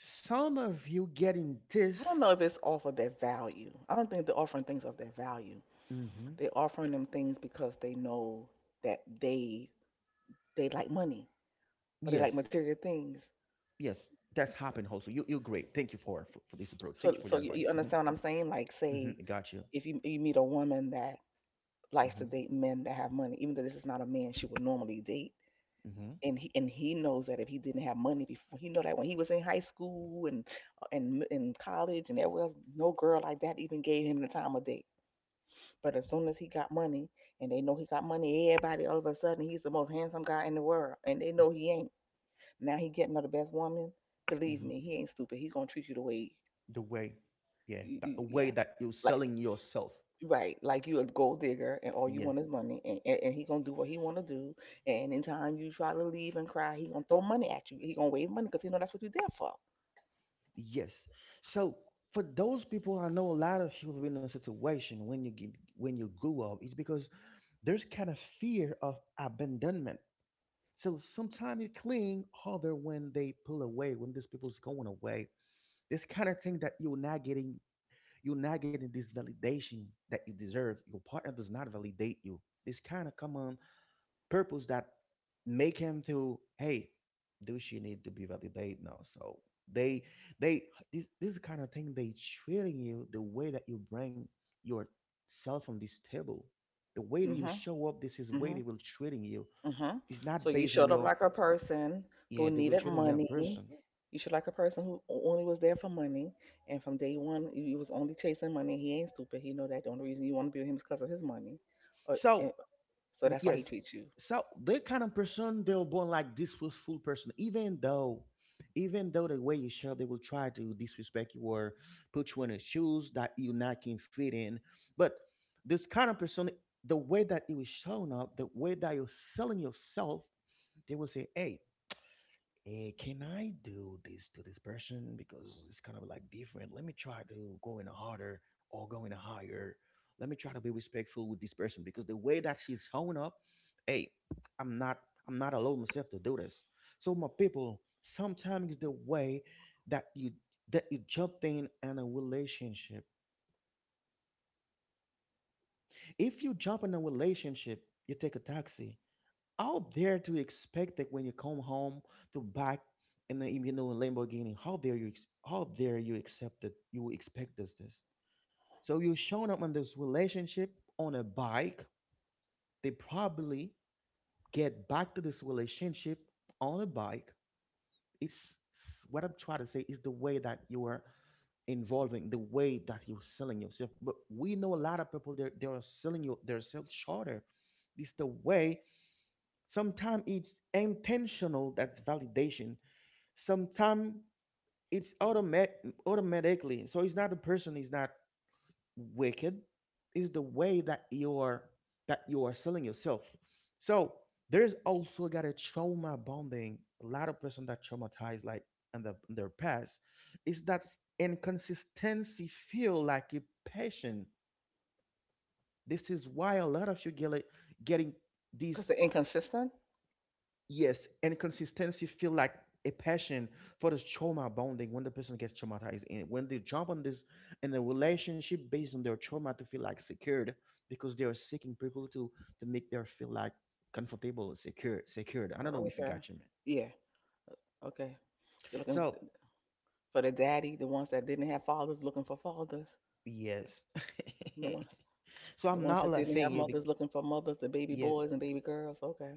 Speaker 1: Some of you getting
Speaker 2: I don't know
Speaker 1: this.
Speaker 2: if it's off of their value. I don't think they're offering things of their value.
Speaker 1: hmm
Speaker 2: They're offering them things because they know that they they like money or they like
Speaker 1: Yes,
Speaker 2: material things.
Speaker 1: yes, that's happened also. You, you're great. Thank you for, for, for this approach. Thank
Speaker 2: So
Speaker 1: you for
Speaker 2: so
Speaker 1: your
Speaker 2: you,
Speaker 1: advice.
Speaker 2: you
Speaker 1: hmm
Speaker 2: understand what I'm saying? Like
Speaker 1: hmm I
Speaker 2: say
Speaker 1: got you.
Speaker 2: if you you meet a woman that likes to
Speaker 1: hmm
Speaker 2: date men that have money, even though this is not a man she would normally date,
Speaker 1: hmm
Speaker 2: and he and he knows that if he didn't have money before, he know that when he was in high school and uh, and in college and everywhere else, no girl like that even gave him the time of day. But as soon as he got money, and they know he got money, everybody all of a sudden he's the most handsome guy in the world, and they know he ain't. Now he getting her the best woman. Believe me,
Speaker 1: hmm
Speaker 2: he ain't stupid. He gonna treat you the way,
Speaker 1: The way, yeah,
Speaker 2: you,
Speaker 1: the
Speaker 2: you, yeah,
Speaker 1: way that you're
Speaker 2: like,
Speaker 1: selling yourself.
Speaker 2: right, like you a gold digger and all you
Speaker 1: Yeah.
Speaker 2: want is money and, and, and he gonna do what he wanna do, and in time, you try to leave and cry, he gonna throw money at you. He gonna wave money because he know that's what you there for.
Speaker 1: Yes. So for those people, I know a lot of you have been in a situation when you get, when you grew up, it's because there's kind of fear of abandonment. So sometimes you cling other when they pull away, when these people's going away. This kind of thing that you're not getting, you're not getting this validation that you deserve. Your partner does not validate you. This kind of come on purpose that make him to, hey, do she need to be validated now? So they they this this is the kind of thing. They treating you the way that you bring yourself on this table. The way that you
Speaker 2: Mhm,
Speaker 1: show up, this is way
Speaker 2: mhm,
Speaker 1: they will treating you.
Speaker 2: mhm.
Speaker 1: It's
Speaker 2: So
Speaker 1: not
Speaker 2: you
Speaker 1: based on
Speaker 2: showed up
Speaker 1: your,
Speaker 2: like a person
Speaker 1: yeah,
Speaker 2: who
Speaker 1: they will
Speaker 2: needed
Speaker 1: treating your
Speaker 2: money.
Speaker 1: person.
Speaker 2: You showed like a person who o- only was there for money, and from day one you, you was only chasing money. He ain't stupid. He know that the only reason you wanna be with him is because of his money. Or,
Speaker 1: So,
Speaker 2: and, so
Speaker 1: mm,
Speaker 2: that's why
Speaker 1: yes.
Speaker 2: he treats you.
Speaker 1: So the kind of person, they were born like disrespectful person. Even though even though the way you show, they will try to disrespect you or put you in a shoes that you not can fit in. But this kind of person, the way that you is showing up, the way that you're selling yourself, they will say, hey hey, can I do this to this person? Because it's kind of like different. Let me try to go in harder or go in higher. Let me try to be respectful with this person. Because the way that she's showing up, hey, I'm not I'm not allowed myself to do this. So, my people, sometimes the way that you that you jump in in a relationship. If you jump in a relationship, you take a taxi. How dare to expect that when you come home to back and the you know Lamborghini? How dare you? ex- How dare you accept that you expect this this? So you showing up in this relationship on a bike. They probably get back to this relationship on a bike. It's s- what I'm trying to say is the way that you are involving, the way that you're selling yourself. But we know a lot of people, they're they're selling you themselves shorter. It's the way. Sometimes it's intentional, that's validation. Sometimes it's automatic, automatically. So it's not the person is not wicked, it's the way that you are that you are selling yourself. So there's also got a trauma bonding. A lot of person that traumatized like in the in their past is that inconsistency feel like a passion. This is why a lot of you get it- getting
Speaker 2: Cause
Speaker 1: these.
Speaker 2: they're inconsistent.
Speaker 1: Yes, and consistency feel like a passion for this trauma bonding. When the person gets traumatized and when they jump on this in a relationship based on their trauma to feel like secured, because they are seeking people to to make their feel like comfortable, secure, secured. I don't know
Speaker 2: Oh,
Speaker 1: if you
Speaker 2: okay.
Speaker 1: got you man.
Speaker 2: Yeah. Okay. You're looking
Speaker 1: So
Speaker 2: for the daddy, the ones that didn't have fathers looking for fathers,
Speaker 1: yes.
Speaker 2: and the
Speaker 1: [laughs]
Speaker 2: one,
Speaker 1: So
Speaker 2: the
Speaker 1: I'm
Speaker 2: ones
Speaker 1: not
Speaker 2: that didn't
Speaker 1: laughing
Speaker 2: have
Speaker 1: you, be-
Speaker 2: mothers looking for mothers, the baby
Speaker 1: yes.
Speaker 2: boys and baby girls. Okay,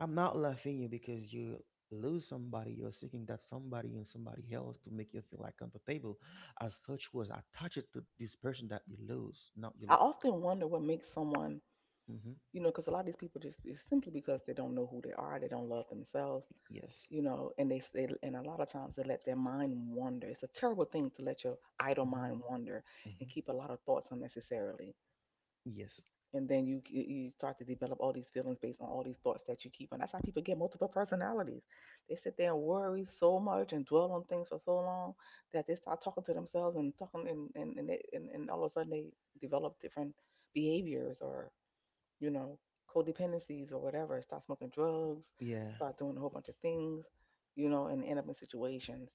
Speaker 1: I'm not laughing you because you lose somebody. You're seeking that somebody and somebody else to make you feel like comfortable. As such, was attached to this person that you lose, not
Speaker 2: I
Speaker 1: you.
Speaker 2: often wonder what makes someone,
Speaker 1: Hmm.
Speaker 2: you know, because a lot of these people just it's simply because they don't know who they are, they don't love themselves,
Speaker 1: Yes.
Speaker 2: you know, and they they and a lot of times they let their mind wander. It's a terrible thing to let your idle
Speaker 1: Hmm.
Speaker 2: mind wander and
Speaker 1: Hmm.
Speaker 2: keep a lot of thoughts unnecessarily.
Speaker 1: Yes.
Speaker 2: And then you you start to develop all these feelings based on all these thoughts that you keep on. That's how people get multiple personalities. They sit there and worry so much and dwell on things for so long that they start talking to themselves and talking and and and, they, and, and all of a sudden they develop different behaviors or, you know, codependencies or whatever. Start smoking drugs,
Speaker 1: Yeah.
Speaker 2: start doing a whole bunch of things, you know, and end up in situations.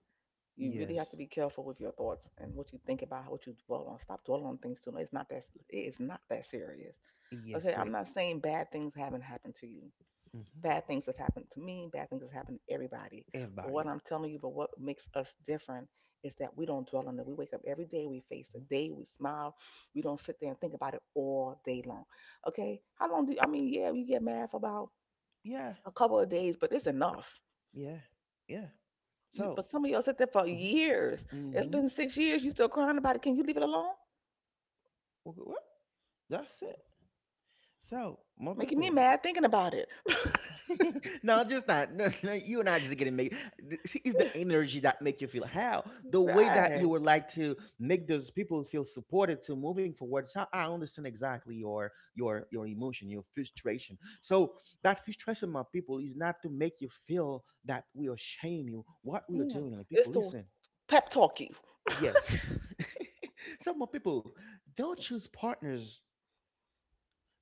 Speaker 2: You really have to
Speaker 1: Yes.
Speaker 2: be careful with your thoughts and what you think about, what you dwell on. Stop dwelling on things too much. It's not that it is not that serious.
Speaker 1: Yes.
Speaker 2: Okay, I'm
Speaker 1: Great.
Speaker 2: not saying bad things haven't happened to you.
Speaker 1: Hmm.
Speaker 2: Bad things have happened to me, bad things have happened to everybody. But what
Speaker 1: Everybody.
Speaker 2: I'm telling you, but what makes us different is that we don't dwell on it. We wake up every day, we face the
Speaker 1: Hmm.
Speaker 2: day, we smile. We don't sit there and think about it all day long. Okay? How long do you, I mean, yeah, we get mad for about
Speaker 1: Yeah.
Speaker 2: a couple of days, but it's enough.
Speaker 1: Yeah. Yeah.
Speaker 2: You,
Speaker 1: So.
Speaker 2: but some of y'all sit there for years.
Speaker 1: Hmm.
Speaker 2: It's
Speaker 1: Hmm.
Speaker 2: been six years, you still crying about it. Can you leave it alone?
Speaker 1: What? That's it. So, more
Speaker 2: Making me
Speaker 1: people.
Speaker 2: mad thinking about it.
Speaker 1: [laughs] No, just not. [laughs] No, no, you and I just getting made. th- See, it's the
Speaker 2: [laughs]
Speaker 1: energy that make you feel how the way that you
Speaker 2: Right.
Speaker 1: would like to make those people feel supported to moving forward. So I understand exactly your your your emotion, your frustration. So that frustration, my people, is not to make you feel that we are shame you. What we are
Speaker 2: Mm.
Speaker 1: doing, like
Speaker 2: It's
Speaker 1: people,
Speaker 2: to
Speaker 1: listen.
Speaker 2: pep talk you.
Speaker 1: Yes.
Speaker 2: [laughs]
Speaker 1: [laughs] Some of people don't choose partners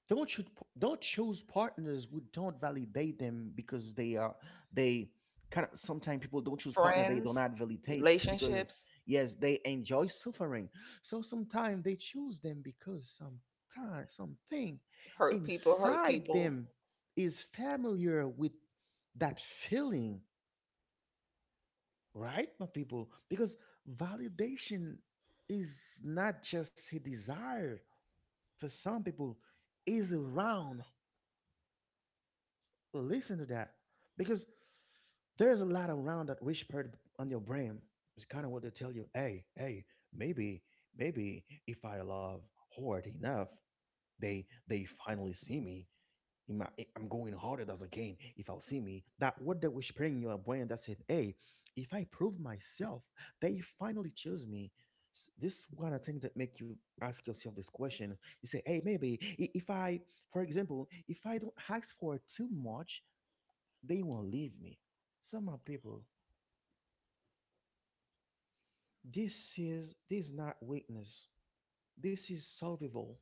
Speaker 1: don't should don't choose partners who don't validate them. Because they are, they kind of, sometimes people don't choose partner they do
Speaker 2: Friends,
Speaker 1: not validate because,
Speaker 2: relationships,
Speaker 1: yes, they enjoy suffering. So sometimes they choose them because sometimes something
Speaker 2: hurt people, hurt
Speaker 1: inside
Speaker 2: people.
Speaker 1: them is familiar with that feeling, right, my people? Because validation is not just a desire. For some people is around. Listen to that. Because there's a lot around that whispered on your brain. It's kind of what they tell you. Hey, hey, maybe, maybe if I love hard enough, they they finally see me. In my, I'm going harder as a game. If I'll see me, that word that whispering in your brain that said, "Hey, if I prove myself, they finally choose me." S- This kind of thing that make you ask yourself this question. You say, "Hey, maybe, i- if I, for example, if I don't ask for too much, they won't leave me." Some are people. This is this is not weakness. This is solvable.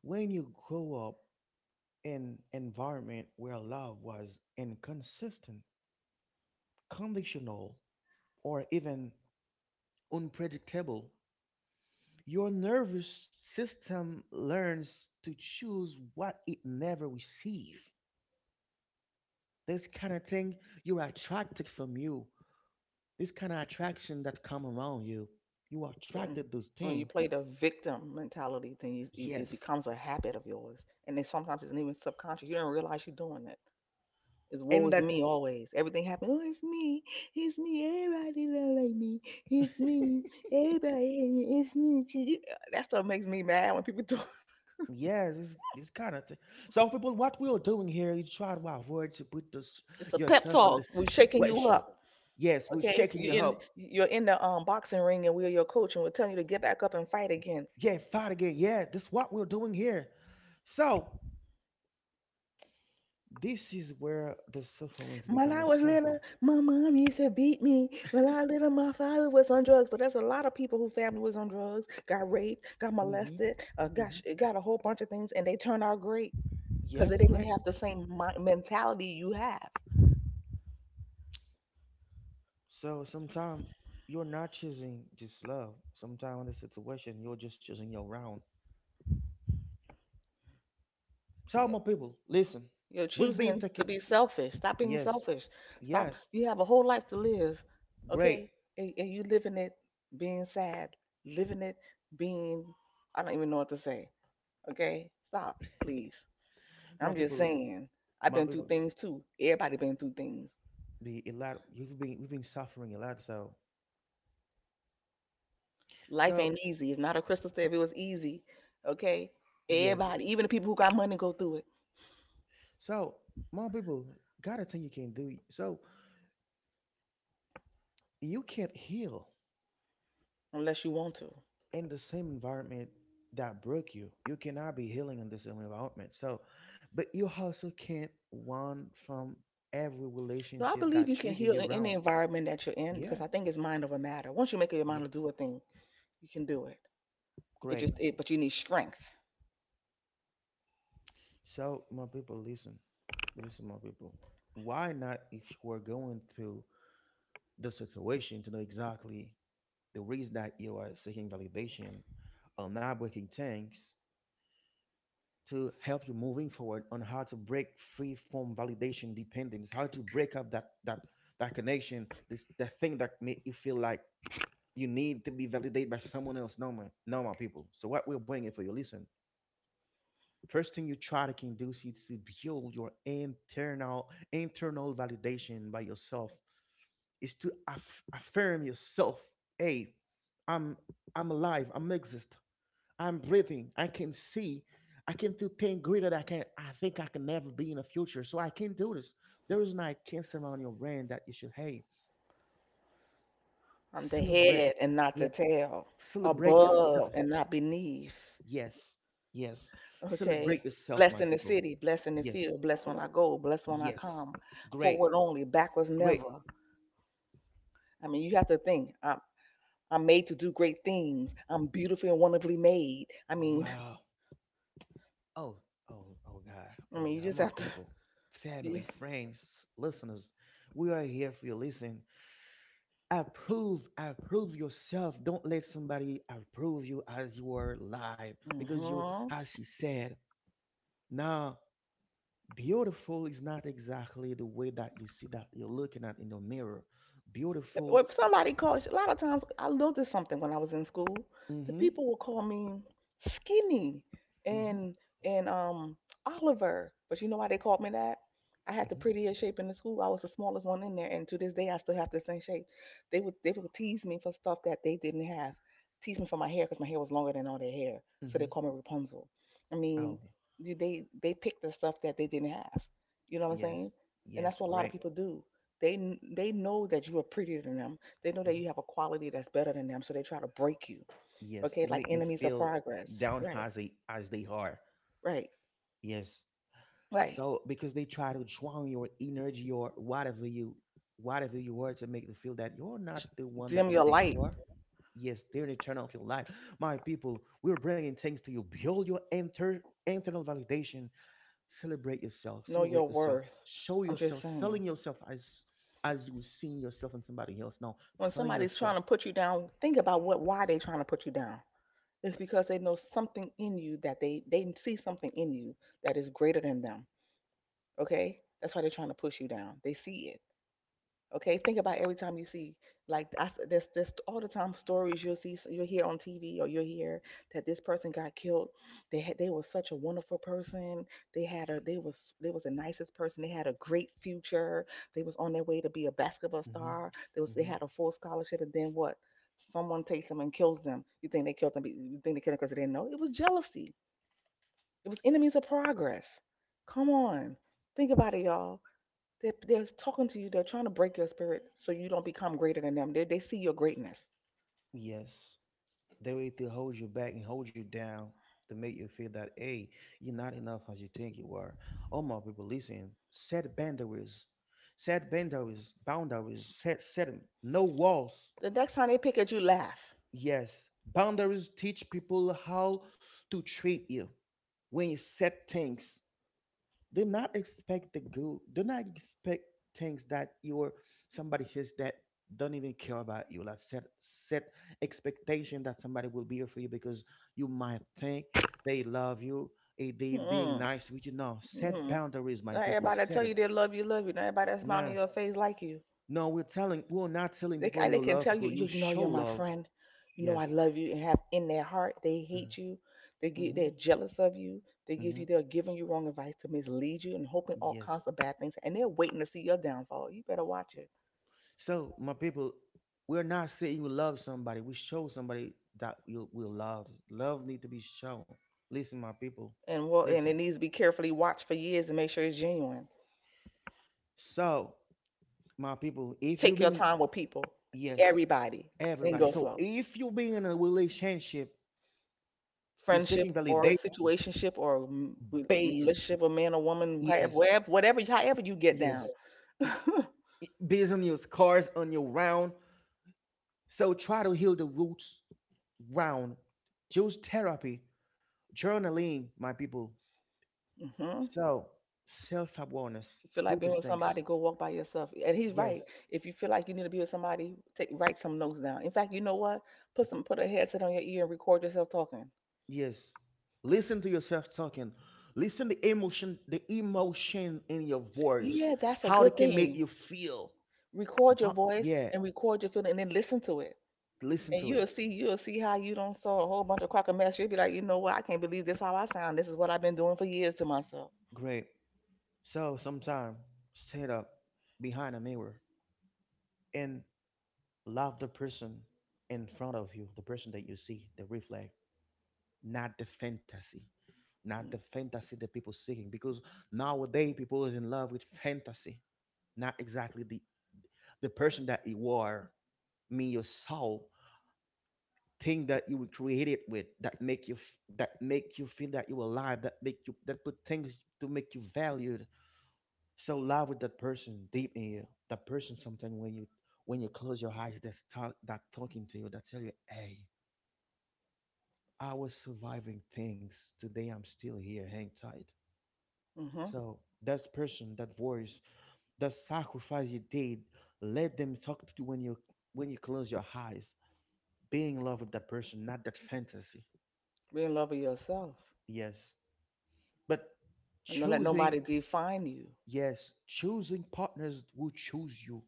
Speaker 1: When you grow up in environment where love was inconsistent, conditional, or even unpredictable, your nervous system learns to choose what it never received. This kind of thing you are attracted from you. This kind of attraction that come around you. You are
Speaker 2: Mm.
Speaker 1: attracted to those
Speaker 2: When you
Speaker 1: things.
Speaker 2: play the victim mentality, then you, it it
Speaker 1: Yes,
Speaker 2: becomes a habit of yours, and then sometimes it's even subconscious. You don't realize you're doing it. It's woe
Speaker 1: and
Speaker 2: is
Speaker 1: that.
Speaker 2: me always. Everything happens. Oh, it's me. It's me. Everybody don't like me. It's
Speaker 1: [laughs]
Speaker 2: me. Everybody. It's me. That stuff makes me mad when people do. [laughs]
Speaker 1: Yes, it's, it's kind of T- so people, what we're doing here is try to avoid to put this,
Speaker 2: It's a pep
Speaker 1: yourself in the
Speaker 2: talk. We're shaking you
Speaker 1: situation.
Speaker 2: up.
Speaker 1: Yes, we're
Speaker 2: Okay,
Speaker 1: shaking you
Speaker 2: you in
Speaker 1: up.
Speaker 2: you're in the um boxing ring and we're your coach and we're telling you to get back up and fight again.
Speaker 1: Yeah, fight again. Yeah, this is what we're doing here. So this is where the sufferings
Speaker 2: When I
Speaker 1: become a
Speaker 2: was little,
Speaker 1: cycle.
Speaker 2: my mom used to beat me. When I was little, my father was on drugs. But there's a lot of people whose family was on drugs, got raped, got
Speaker 1: Hmm.
Speaker 2: molested, uh, got sh-
Speaker 1: Hmm.
Speaker 2: got a whole bunch of things, and they turned out great because they
Speaker 1: Yes.
Speaker 2: didn't
Speaker 1: Great.
Speaker 2: have the same mi- mentality you have.
Speaker 1: So sometimes you're not choosing just love, sometimes in the situation you're just choosing your round. So,
Speaker 2: Yeah.
Speaker 1: my people, listen.
Speaker 2: You're
Speaker 1: We've been
Speaker 2: choosing to
Speaker 1: taking.
Speaker 2: be selfish. Stop being
Speaker 1: Yes.
Speaker 2: selfish. Stop.
Speaker 1: Yes,
Speaker 2: You have a whole life to live,
Speaker 1: great.
Speaker 2: okay? And, and you living it being sad, living it being, I don't even know what to say, okay? Stop, please. I'm
Speaker 1: My
Speaker 2: just
Speaker 1: people,
Speaker 2: saying. I've
Speaker 1: my
Speaker 2: been through
Speaker 1: people,
Speaker 2: things too. Everybody been through things.
Speaker 1: be a lot. You've been we've been suffering a lot. So,
Speaker 2: Life
Speaker 1: so
Speaker 2: ain't easy. It's not a crystal stair. If it was easy, okay?
Speaker 1: yes.
Speaker 2: Everybody, even the people who got money, go through it
Speaker 1: So, my people, gotta thing you can do. So you can't heal
Speaker 2: unless you want to.
Speaker 1: in the same environment that broke you. You cannot be healing in the same environment. So, but you also can't run from every
Speaker 2: No, I
Speaker 1: relationship
Speaker 2: believe
Speaker 1: that
Speaker 2: you can
Speaker 1: trigger
Speaker 2: heal
Speaker 1: you
Speaker 2: in any
Speaker 1: around.
Speaker 2: environment that you're in
Speaker 1: Yeah,
Speaker 2: because I think it's mind over matter. Once you make up your
Speaker 1: yeah,
Speaker 2: mind to do a thing, you can do it. It
Speaker 1: great.
Speaker 2: just it, but you need strength.
Speaker 1: So, my people, listen, listen, my people. Why not, if you are going through the situation, to know exactly the reason that you are seeking validation, on not breaking tanks, to help you moving forward on how to break free from validation dependence, how to break up that that that connection, this that thing that make you feel like you need to be validated by someone else. No, my no, my people. So what we're bringing for you, listen. First thing you try to can do is to build your internal internal validation by yourself, is to aff- affirm yourself. Hey, i'm i'm alive, I'm exist, I'm breathing, I can see. I can do things greater that I can, I think, I can never be in the future. So I can do this. There is not a cancer around your brain that you should. Hey,
Speaker 2: I'm the
Speaker 1: celebrate.
Speaker 2: head and not
Speaker 1: Yeah.
Speaker 2: the tail,
Speaker 1: Celebrate
Speaker 2: above
Speaker 1: yourself.
Speaker 2: and not beneath.
Speaker 1: Yes. Yes.
Speaker 2: Okay.
Speaker 1: Celebrate yourself,
Speaker 2: Blessed
Speaker 1: my
Speaker 2: in the
Speaker 1: people.
Speaker 2: city, blessed in the
Speaker 1: Yes.
Speaker 2: field, blessed when I go, blessed when I
Speaker 1: Yes.
Speaker 2: come.
Speaker 1: Great.
Speaker 2: Forward only, backwards
Speaker 1: Great.
Speaker 2: never. I mean, you have to think. I'm I'm made to do great things. I'm beautifully and wonderfully made. I mean,
Speaker 1: Wow. Oh, oh, oh, God.
Speaker 2: [laughs] I
Speaker 1: Oh,
Speaker 2: mean, you
Speaker 1: God.
Speaker 2: just
Speaker 1: My
Speaker 2: have to.
Speaker 1: people,
Speaker 2: Yeah.
Speaker 1: family, friends, listeners, we are here for you. Listen, approve, approve yourself. Don't let somebody approve you as you are live. Because you,
Speaker 2: hmm
Speaker 1: as she said, now beautiful is not exactly the way that you see that you're looking at in the mirror. Beautiful.
Speaker 2: When somebody calls, a lot of times I noticed something when I was in school.
Speaker 1: Mm
Speaker 2: The
Speaker 1: hmm.
Speaker 2: people will call me skinny
Speaker 1: Mm hmm.
Speaker 2: and and um Oliver, but you know why they called me that? I had
Speaker 1: Mm
Speaker 2: the
Speaker 1: hmm.
Speaker 2: prettiest shape in the school. I was the smallest one in there, and to this day I still have the same shape. They would they would tease me for stuff that they didn't have. Tease me for my hair because my hair was longer than all their hair,
Speaker 1: Mm
Speaker 2: so
Speaker 1: hmm.
Speaker 2: they call me Rapunzel. I
Speaker 1: Oh,
Speaker 2: mean, you- they they picked the stuff that they didn't have. You know what I'm
Speaker 1: yes.
Speaker 2: saying? And
Speaker 1: Yes.
Speaker 2: that's what a lot of
Speaker 1: Great.
Speaker 2: people do. They they know that you are prettier than them. They know that
Speaker 1: Mm-hmm.
Speaker 2: you have a quality that's better than them, so they try to break you.
Speaker 1: Yes,
Speaker 2: Okay,
Speaker 1: to
Speaker 2: like
Speaker 1: make you
Speaker 2: enemies of
Speaker 1: feel
Speaker 2: progress.
Speaker 1: down
Speaker 2: Right,
Speaker 1: as they as they are.
Speaker 2: right,
Speaker 1: Yes.
Speaker 2: right.
Speaker 1: So because they try to drown your energy or whatever you, whatever you are, to make you feel that you're not the one
Speaker 2: Dim
Speaker 1: that you
Speaker 2: your
Speaker 1: think
Speaker 2: light.
Speaker 1: you are. Yes, they're the turn off your life. My people, we're bringing things to you. Build your inter- internal validation. Celebrate yourself.
Speaker 2: Know
Speaker 1: Celebrate
Speaker 2: your
Speaker 1: yourself.
Speaker 2: worth.
Speaker 1: Show
Speaker 2: I'm just
Speaker 1: yourself.
Speaker 2: saying.
Speaker 1: Selling yourself as as you seeing yourself in somebody else. Now,
Speaker 2: When
Speaker 1: selling
Speaker 2: somebody's trying
Speaker 1: yourself.
Speaker 2: to put you down, think about what why they trying to put you down. It's
Speaker 1: Right.
Speaker 2: because they know something in you that they they see something in you that is greater than them. Okay, that's why they're trying to push you down. They see it. Okay, think about every time you see like I, s- there's there's all the time stories you'll see you'll hear on T V or you'll hear that this person got killed. They had they was such a wonderful person. They had a they was they was the nicest person. They had a great future. They was on their way to be a basketball
Speaker 1: Mm-hmm.
Speaker 2: star. They was they
Speaker 1: Mm-hmm.
Speaker 2: had a full scholarship and then what? Someone takes them and kills them. You think they killed them? be- You think they killed them because they didn't know? It was jealousy. It was enemies of progress. Come on, think about it, y'all. They're, they're talking to you. They're trying to break your spirit so you don't become greater than them. They, they see your greatness.
Speaker 1: Yes. They way to hold you back and hold you down to make you feel that, hey, you're not enough as you think you are. All my people, listen. Set boundaries. Set boundaries. Boundaries. Set set 'em. No walls.
Speaker 2: The next time they pick at you, laugh.
Speaker 1: Yes, boundaries teach people how to treat you. When you set things, do not expect the good, do not expect things that you're somebody says that don't even care about you. Like, set set expectation that somebody will be here for you. Because you might think they love you, eh, they being
Speaker 2: Mm-mm.
Speaker 1: nice with you. No, set
Speaker 2: Mm-mm.
Speaker 1: boundaries, my
Speaker 2: Not
Speaker 1: people,
Speaker 2: everybody that
Speaker 1: set
Speaker 2: tell
Speaker 1: them.
Speaker 2: you they love you, love you. Not everybody that's smiling in
Speaker 1: No,
Speaker 2: your face like you.
Speaker 1: no, we're telling we're not telling
Speaker 2: They,
Speaker 1: people
Speaker 2: they
Speaker 1: you
Speaker 2: can
Speaker 1: love
Speaker 2: tell you,
Speaker 1: people, you
Speaker 2: you know,
Speaker 1: show
Speaker 2: you're my
Speaker 1: love.
Speaker 2: friend. You know,
Speaker 1: Yes.
Speaker 2: I love you. And have in their heart, they
Speaker 1: Hmm.
Speaker 2: hate you. They get,
Speaker 1: Hmm.
Speaker 2: they're jealous of you. They give you,
Speaker 1: Hmm.
Speaker 2: they're giving you wrong advice to mislead you and hoping all
Speaker 1: Yes.
Speaker 2: kinds of bad things. And they're waiting to see your downfall. You better watch it.
Speaker 1: So, my people, we're not saying you love somebody. We show somebody that you will love. Love need to be shown. Listen, my people.
Speaker 2: And well, and
Speaker 1: Listen.
Speaker 2: it needs to be carefully watched for years and make sure it's genuine.
Speaker 1: So, my people, if you've
Speaker 2: Take your
Speaker 1: been,
Speaker 2: time with people,
Speaker 1: yes,
Speaker 2: everybody, and
Speaker 1: everybody.
Speaker 2: go
Speaker 1: So
Speaker 2: slow.
Speaker 1: if you've been in a relationship to seeking
Speaker 2: Friendship or
Speaker 1: validation,
Speaker 2: situationship or m- re-
Speaker 1: based,
Speaker 2: relationship, a man or woman, however,
Speaker 1: yes,
Speaker 2: wherever- whatever, however you get down.
Speaker 1: yes,
Speaker 2: [laughs] hmm
Speaker 1: based on your scars, on your round. So try to heal the roots round. Choose therapy, journaling, my people.
Speaker 2: If you
Speaker 1: So, self awareness,
Speaker 2: feel
Speaker 1: do
Speaker 2: like being
Speaker 1: those
Speaker 2: with
Speaker 1: things.
Speaker 2: somebody, go walk by yourself. And he's right.
Speaker 1: Yes,
Speaker 2: If you feel like you need to be with somebody, take write some notes down. In fact, you know what? Put some put a headset on your ear and record yourself talking.
Speaker 1: yes. Listen to yourself talking. Listen the emotion, the emotion in your voice,
Speaker 2: Yeah, that's a
Speaker 1: how
Speaker 2: good
Speaker 1: it can make
Speaker 2: thing.
Speaker 1: you feel.
Speaker 2: Record your
Speaker 1: How-
Speaker 2: voice
Speaker 1: yeah,
Speaker 2: and record your feeling and then listen to it.
Speaker 1: listen
Speaker 2: And
Speaker 1: to it.
Speaker 2: you'll see, you'll see how you don't saw a whole bunch of crock of mess. You'll be like, you know what? I can't believe this how I sound. This is what I've been doing for years to myself.
Speaker 1: Great. So, sometime stand up behind a mirror and love the person in front of you, the person that you see, the reflect. Not the fantasy, not the
Speaker 2: Mm,
Speaker 1: fantasy that people seeking. Because nowadays people is in love with fantasy, not exactly the the person that you are. I mean, your soul, thing that you were created with, that make you f- that make you feel that you're alive, that make you, that put things to make you valued. So love with that person deep in you. That person, sometimes when you, when you close your eyes, that's talk, that talking to you, that tell you, hey, I was surviving things. Today I'm still here. Hang tight.
Speaker 2: mm-hmm.
Speaker 1: So that person, that voice, that sacrifice you did, let them talk to you when you, when you close your eyes. Being in love with that person, not that fantasy.
Speaker 2: Be in love with yourself,
Speaker 1: Yes. But
Speaker 2: and don't let
Speaker 1: choosing,
Speaker 2: nobody define you.
Speaker 1: yes, choosing partners will choose you.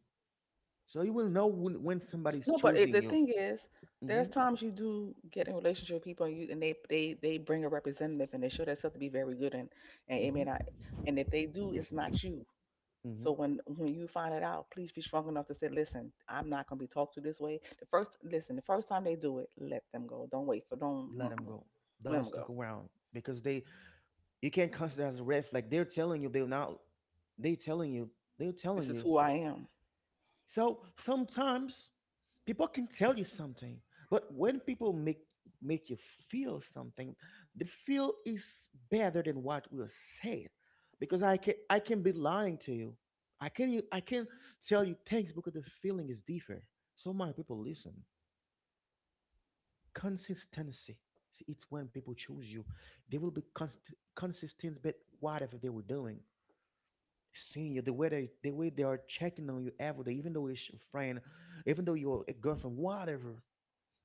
Speaker 1: So you will know when, when somebody's
Speaker 2: No, but it,
Speaker 1: choosing
Speaker 2: the
Speaker 1: you.
Speaker 2: thing is, there's
Speaker 1: Mm-hmm.
Speaker 2: times you do get in relationship with people, and you and they they they bring a representative, and they show themselves to be very good, and and it may not.
Speaker 1: Mm-hmm.
Speaker 2: And if they do, it's not you.
Speaker 1: Mm-hmm.
Speaker 2: So when when you find it out, please be strong enough to say, "Listen, I'm not going to be talked to this way." The first listen, the first time they do it, let them go. Don't wait for don't
Speaker 1: Let them
Speaker 2: mm-mm.
Speaker 1: go.
Speaker 2: Let
Speaker 1: Don't
Speaker 2: them
Speaker 1: stuck
Speaker 2: go.
Speaker 1: around because they, you can't consider as a red flag. They're telling you they're not. They telling you, they're
Speaker 2: This
Speaker 1: telling
Speaker 2: is
Speaker 1: you.
Speaker 2: who I am.
Speaker 1: So sometimes people can tell you something, but when people make make you feel something, the feel is better than what was say, because I can I can be lying to you. I can you I can tell you things because the feeling is different. So my people, listen. Consistency. See, it's when people choose you, they will be const- consistent with whatever they were doing, seeing you, the way they the way they are checking on you every day, even though it's your friend, even though you're a girlfriend, whatever,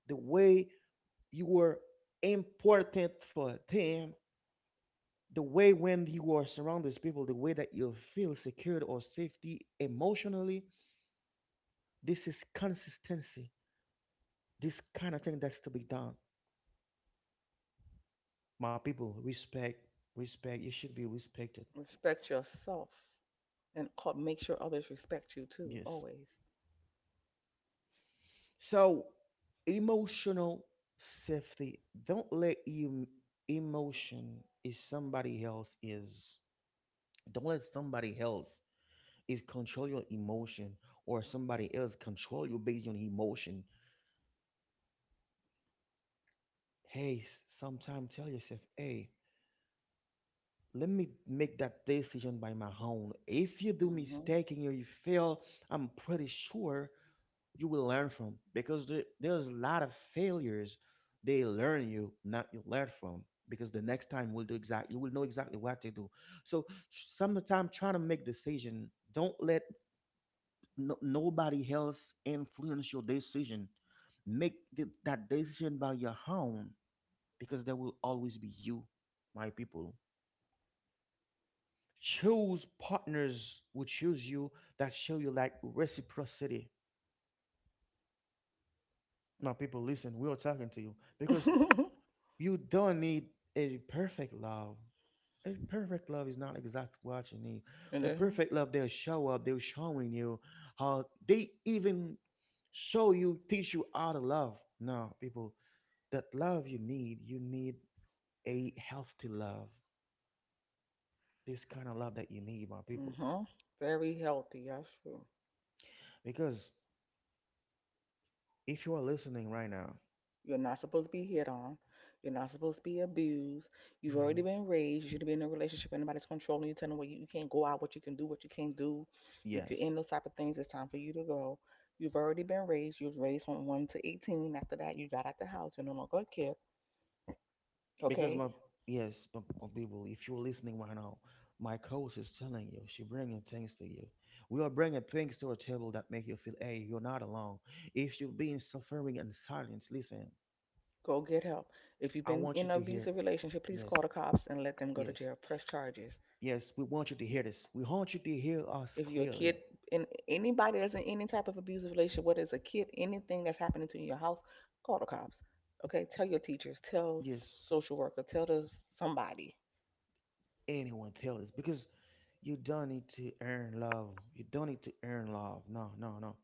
Speaker 1: the way you were important for them, the way when you are surrounded with people, the way that you feel secured or safety emotionally, this is consistency. This kind of thing that's to be done. My people, respect, respect. You should be respected.
Speaker 2: Respect yourself, and co- make sure others respect you too.
Speaker 1: Yes.
Speaker 2: Always.
Speaker 1: So, emotional safety. Don't let em- emotion is somebody else is. Don't let somebody else is control your emotion or somebody else control you based on emotion. Hey, sometimes tell yourself, hey, let me make that decision by my own. If you do
Speaker 2: Mm-hmm.
Speaker 1: mistake and you fail, I'm pretty sure you will learn from because there, there's a lot of failures they learn you, not you learn from. Because the next time we'll do exactly, you will know exactly what to do. So sometimes trying to make decision, don't let no, nobody else influence your decision. Make the, that decision by your own because there will always be you, my people. Choose partners who choose you that show you like reciprocity. Now, people, listen, we are talking to you because
Speaker 2: [laughs]
Speaker 1: you don't need a perfect love. A perfect love is not exactly what you need.
Speaker 2: you
Speaker 1: The
Speaker 2: know.
Speaker 1: perfect love, they'll show up, they're showing you how they even show you, teach you how to love. Now, people, that love you need, you need a healthy love. This kind of love that you need, my people.
Speaker 2: Mm-hmm. Very healthy. That's true.
Speaker 1: Because if you are listening right now,
Speaker 2: You're not supposed to be hit on. You're not supposed to be abused. You've
Speaker 1: hmm,
Speaker 2: already been raised. You should be in a relationship. Anybody's controlling you, telling you what you, you can't go out, what you can do, what you can't do. If you're
Speaker 1: yes.
Speaker 2: in those type of things, it's time for you to go. You've already been raised. You was raised from one to eighteen. After that, you got out the house. You're no longer a kid.
Speaker 1: Because
Speaker 2: Okay?
Speaker 1: my yes, my, my people, if you're listening right now, my coach is telling you, she bringing things to you. We are bringing things to a table that make you feel, hey, you're not alone. If you've been suffering in silence, listen.
Speaker 2: Go get help. If you've
Speaker 1: I
Speaker 2: been
Speaker 1: want
Speaker 2: in
Speaker 1: you
Speaker 2: an
Speaker 1: to hear.
Speaker 2: abusive relationship, please
Speaker 1: Yes,
Speaker 2: call the cops and let them go to
Speaker 1: yes,
Speaker 2: jail. Press charges.
Speaker 1: yes. We want you to hear this. We want you to hear us
Speaker 2: If you're a kid
Speaker 1: clearly.
Speaker 2: and anybody that's in any type of abusive relationship, whether it's a kid, anything that's happening to you in your house, call the cops. Okay, tell your teachers, tell
Speaker 1: Yes,
Speaker 2: social worker, tell the somebody.
Speaker 1: anyone tell us because you don't need to earn love. You don't need to earn love. No, no, no.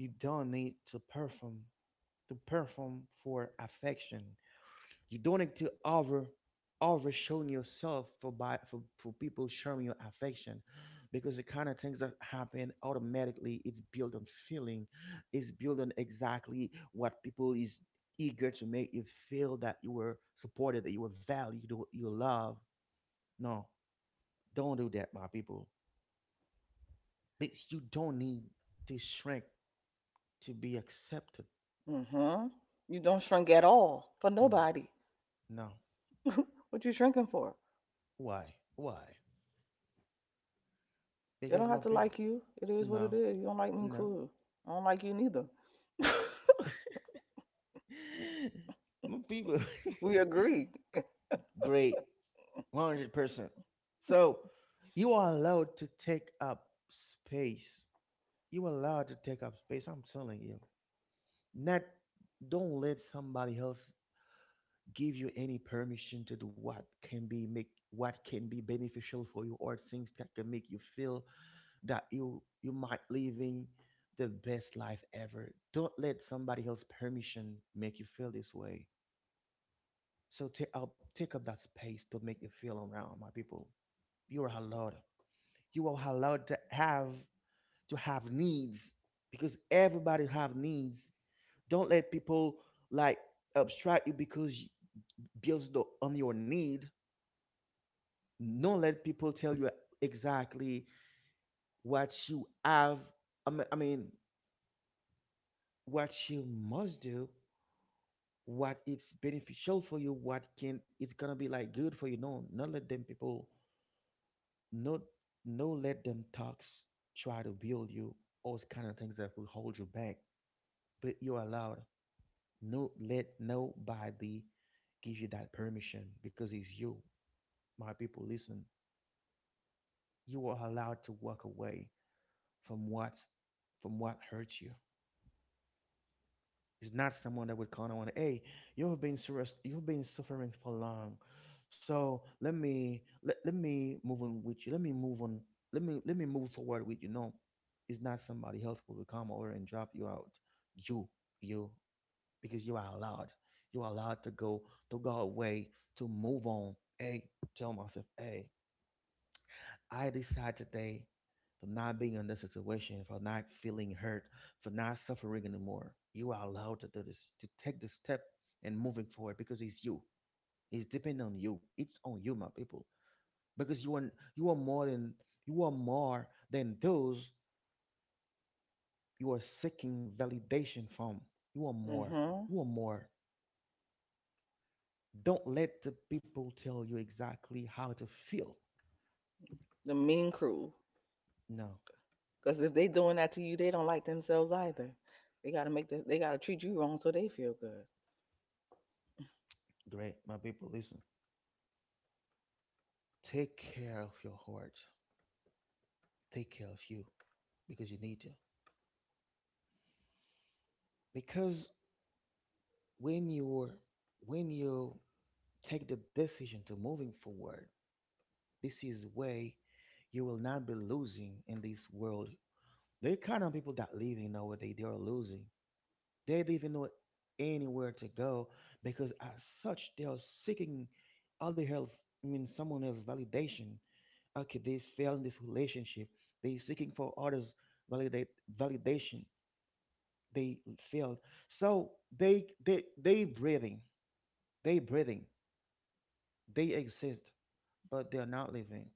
Speaker 1: You don't need to perform to perform for affection. You don't need to over over showing yourself for by for, for people showing your affection, because the kind of things that happen automatically, it's built on feeling, it's built on exactly what people is eager to make you feel, that you were supported, that you were valued, you you love. No, don't do that, my people. It's, you don't need to shrink to be accepted.
Speaker 2: Hmm. You don't shrink at all for
Speaker 1: Mm,
Speaker 2: nobody.
Speaker 1: no.
Speaker 2: [laughs] What you shrinking for?
Speaker 1: Why why
Speaker 2: They
Speaker 1: because
Speaker 2: don't
Speaker 1: my
Speaker 2: have to
Speaker 1: people?
Speaker 2: like you. It is what it
Speaker 1: No,
Speaker 2: is. You don't like me,
Speaker 1: no.
Speaker 2: cool. I don't like you neither. [laughs]
Speaker 1: [laughs] My people.
Speaker 2: We agree.
Speaker 1: [laughs] Great. one hundred percent. So you are allowed to take up space. You are allowed to take up space. I'm telling you. Not Don't let somebody else give you any permission to do what can be make what can be beneficial for you, or things that can make you feel that you you might living the best life ever. Don't let somebody else permission make you feel this way. So take up take up that space. Don't make it feel around, my people. You are allowed. You are allowed to have to have needs because everybody have needs. Don't let people like abstract you because you builds the, on your need. Don't let people tell you exactly what you have. I mean, I mean, what you must do, what it's beneficial for you, what can it's gonna be like good for you. No, not let them people, no, no, let them talks try to build you all kind of things that will hold you back, but you're allowed. No, let nobody give you that permission because it's you, my people, listen. You are allowed to walk away from what, from what hurts you. He's not someone that would call on, hey, you have been serious, you've been suffering for long. So let me let, let me move on with you. Let me move on. Let me let me move forward with you. No, it's not somebody else who will come over and drop you out. You, you, because you are allowed. You are allowed to go to go away, to move on. Hey, tell myself, hey, I decide today for not being in this situation, for not feeling hurt, for not suffering anymore. You are allowed to do this, to take the step and moving forward because it's you. It's depending on you. It's on you, my people. Because you are you are more than you are more than those you are seeking validation from. You are more.
Speaker 2: Hmm.
Speaker 1: You are more. Don't let the people tell you exactly how to feel.
Speaker 2: The mean crew.
Speaker 1: No.
Speaker 2: Because if they doing that to you, they don't like themselves either. They gotta make this. They gotta treat you wrong so they feel good.
Speaker 1: Great, my people, listen. Take care of your heart. Take care of you, because you need to. Because when you when you take the decision to moving forward, this is way you will not be losing in this world. There are kind of people that living nowadays, they are losing. They don't even know anywhere to go because as such they are seeking other else, I mean, someone else validation. Okay, they fail in this relationship. They seeking for others, validate validation, they feel, so they they they breathing, they breathing they exist, but they're not living,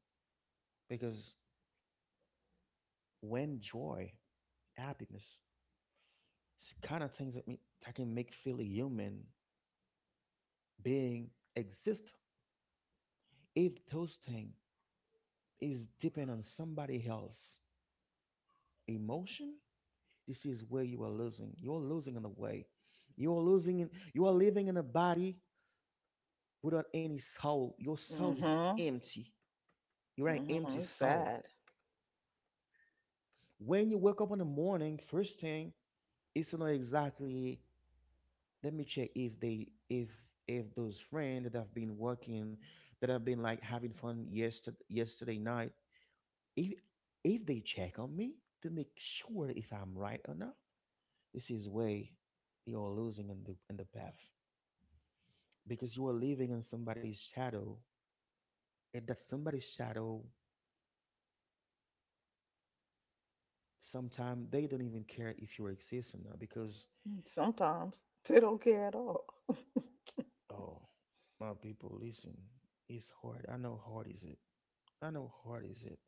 Speaker 1: because when joy, happiness, s- kind of things that, me, that can make feel a human being exist, if those things is depend on somebody else emotion, this is where you are losing you're losing in the way, you are losing in, you are living in a body without any soul, your soul is
Speaker 2: Mm-hmm.
Speaker 1: empty, you're an empty
Speaker 2: Mm-hmm. It's
Speaker 1: soul.
Speaker 2: sad.
Speaker 1: When you wake up in the morning, first thing is to know exactly. Let me check if they if if those friends that have been working, that have been like having fun yesterday yesterday night, if if they check on me to make sure if I'm right or not, this is way you're losing in the in the path, because you are living in somebody's shadow, and that somebody's shadow sometimes they don't even care if you exist or not, because
Speaker 2: Mm, sometimes [laughs] they don't care at all.
Speaker 1: oh, my people, listen. It's hard. I know hard is it. I know hard is it.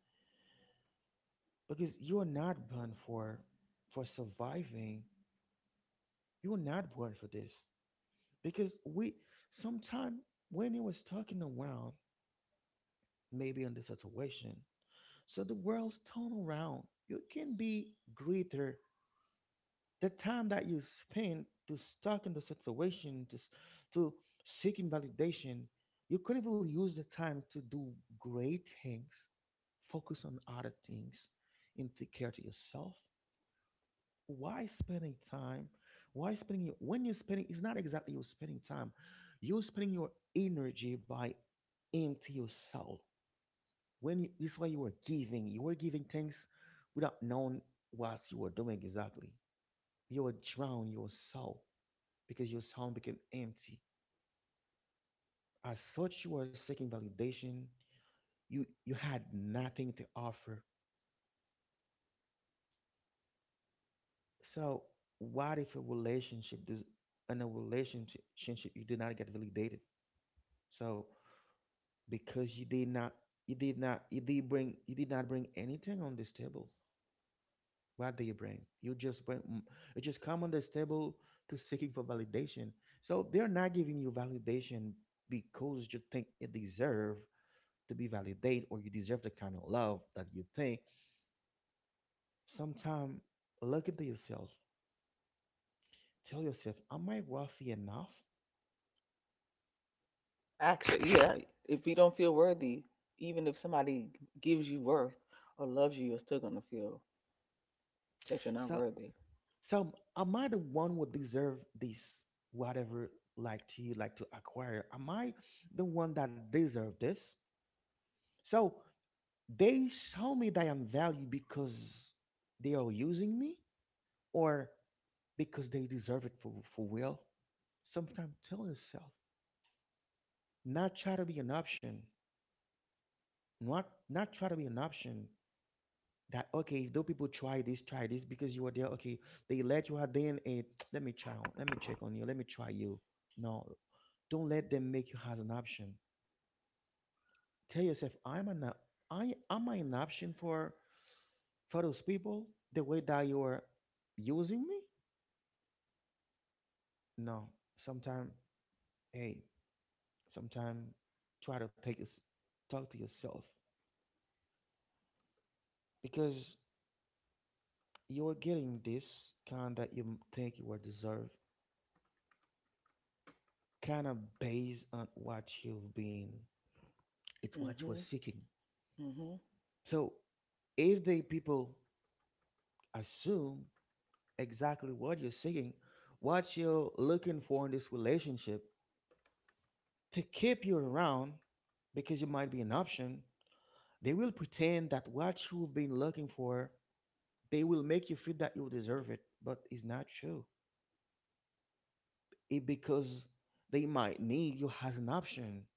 Speaker 1: Because you're not born for for surviving. You're not born for this. Because we sometime when it was talking around, maybe in the situation, so the world's turn around. You can be greater. The time that you spend to stuck in the situation, to s- to seeking validation, you could even use the time to do great things. Focus on other things and take care to yourself. Why spending time? Why spending your, when you're spending? It's not exactly you're spending time. You're spending your energy by empty your soul. When you, this way you were giving, you were giving things without knowing what you were doing exactly. You were drown your soul because your soul became empty. As such, you were seeking validation. You you had nothing to offer. So what if a relationship does, in a relationship you did not get validated? So because you did not you did not you did bring you did not bring anything on this table. What do you bring? You just bring mm, you just come on this table to seeking for validation. So they're not giving you validation because you think you deserve to be validated, or you deserve the kind of love that you think. Sometime look into yourself. Tell yourself, am I worthy enough?
Speaker 2: Actually, yeah, if you don't feel worthy, even if somebody gives you worth or loves you, you're still gonna feel that you're not
Speaker 1: So
Speaker 2: worthy.
Speaker 1: So am I the one who deserve this? Whatever like to you like to acquire? Am I the one that deserve this? So they show me that I'm value because they are using me, or because they deserve it for, for will. Sometimes tell yourself, not try to be an option. Not not try to be an option. That okay though people try this try this because you were there, okay, they let you out, then it [tsk] let me try on, let me check on you, let me try you. No, don't let them make you as an option. Tell yourself, I'm an op- I am I an option for for those people, the way that you are using me. No, sometime, hey, sometime try to take this, talk to yourself, because you're getting this kind that you think you were deserved, kind of based on what you've been. It's what you are
Speaker 2: Mm-hmm.
Speaker 1: seeking.
Speaker 2: Mm-hmm.
Speaker 1: So if the people assume exactly what you're seeking, what you're looking for in this relationship to keep you around because you might be an option, they will pretend that what you've been looking for, they will make you feel that you deserve it, but it's not true. It because they might need you as an option.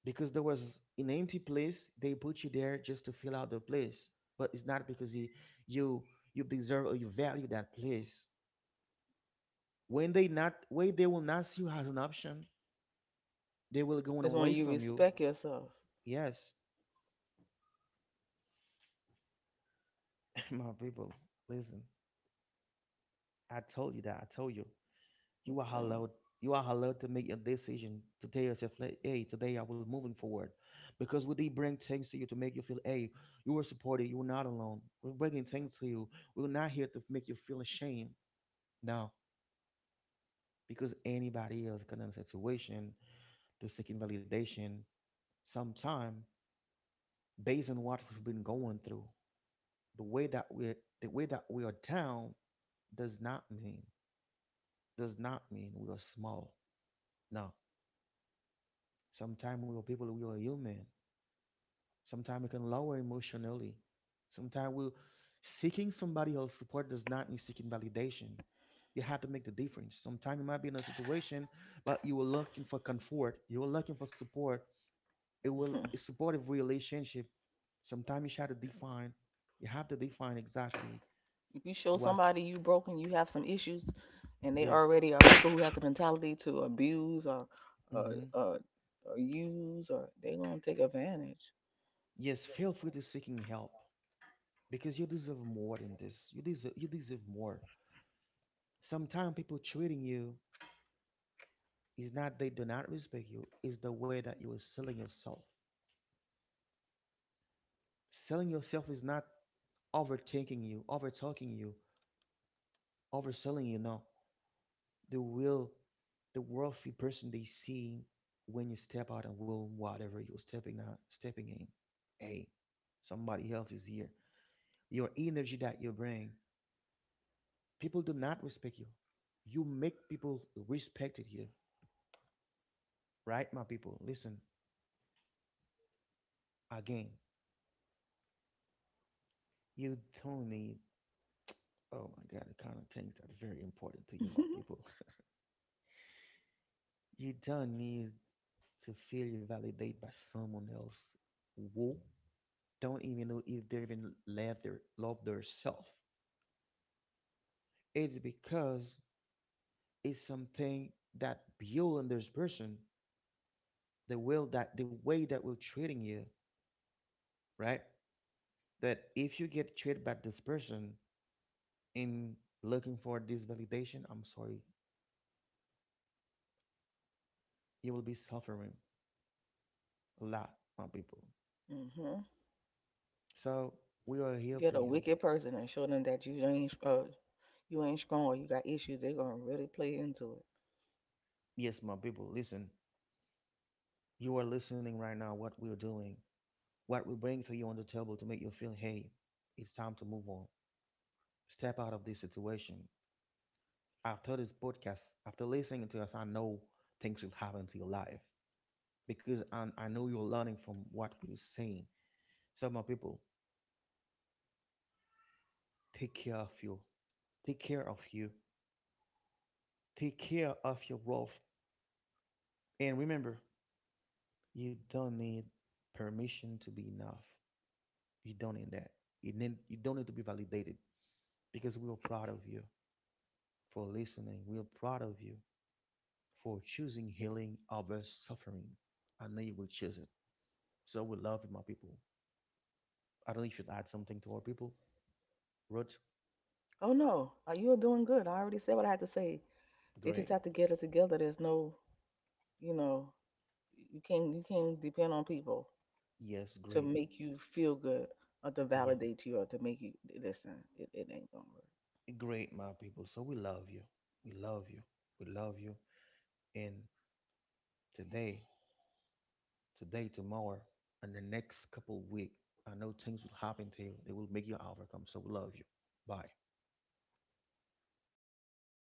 Speaker 1: Because there was an empty place, they put you there just to fill out the place, but it's not because you you you deserve or you value that place. When they not, when they will not see you as an option, they will going
Speaker 2: It's
Speaker 1: away
Speaker 2: when you
Speaker 1: from you.
Speaker 2: respect yourself.
Speaker 1: Yes. [laughs] My people, listen. I told you that i told you you
Speaker 2: I'm
Speaker 1: are
Speaker 2: telling
Speaker 1: allowed, you are allowed to make a decision to tell yourself like, hey, today I will moving forward, because we did bring things to you to make you feel, hey, you are supported, you are not alone, we're bringing things to you. We're not here to make you feel ashamed. No. Because anybody else can in a situation to seeking validation sometime based on what we've been going through. The way that we're, the way that we are down does not mean, does not mean we are small. No. Sometimes we are people, we are human. Sometimes we can lower emotionally. Sometimes we seeking somebody else's support does not mean seeking validation. You have to make the difference. Sometimes you might be in a situation, but you were looking for comfort. You were looking for support. It will
Speaker 2: you.
Speaker 1: a supportive relationship. Sometimes you have to define. You have to define exactly
Speaker 2: [laughs] If you show
Speaker 1: what.
Speaker 2: somebody you broken, you have some issues, and they
Speaker 1: Yes.
Speaker 2: already are people who have the mentality to abuse or or,
Speaker 1: hmm
Speaker 2: or, or use, or they're gonna take advantage.
Speaker 1: Yes. Feel free to seeking help because you deserve more than this. You deserve. You deserve more. Sometimes people treating you. It's not they do not respect you, it's the way that you are selling yourself. Selling yourself is not overthinking you, over talking you, overselling you. No, the real, the wealthy person they see when you step out and will whatever you're stepping out, stepping in. Hey, somebody else is here. Your energy that you bring, people do not respect you. You make people respected you, right, my people? Listen again. You don't need, oh my God, the kind of things that's very important to you, my people.
Speaker 2: [laughs]
Speaker 1: [laughs] You don't need to feel you validate by someone else who don't even know if they even love their love their It's because it's something that build in this person, the will that the way that will treating you, right? That if you get treated by this person in looking for this validation, I'm sorry, you will be suffering a lot, my people.
Speaker 2: Mm-hmm.
Speaker 1: So we are here for
Speaker 2: Get a
Speaker 1: you.
Speaker 2: wicked person and show them that you ain't uh, you ain't strong. Or you got issues. They're gonna really play into it.
Speaker 1: Yes, my people, listen. You are listening right now what we're doing, what we bring for you on the table to make you feel, hey, it's time to move on. Step out of this situation. After this podcast, after listening to us, I know things will happen to your life because I, I know you're learning from what we're saying. So, my people, take care of you. Take care of you. Take care of your wealth. And remember, you don't need permission to be enough. You don't need that. You, need, you don't need to be validated, because we are proud of you for listening. We are proud of you for choosing healing over suffering. I know you will choose it. So we love you, my people. I don't know if you should add something to our people. Ruth,
Speaker 2: Oh no, uh, you're doing good. I already said what I had to say. They just
Speaker 1: great.
Speaker 2: have to get it together. There's no, you know, you can't you can't depend on people
Speaker 1: Yes,
Speaker 2: to
Speaker 1: great.
Speaker 2: make you feel good or to
Speaker 1: Yeah,
Speaker 2: validate you or to make you listen. It, it ain't gonna work.
Speaker 1: great, my people. So we love you. We love you. We love you. And today, today, tomorrow, and the next couple of weeks, I know things will happen to you. They will make you overcome. So we love you. Bye.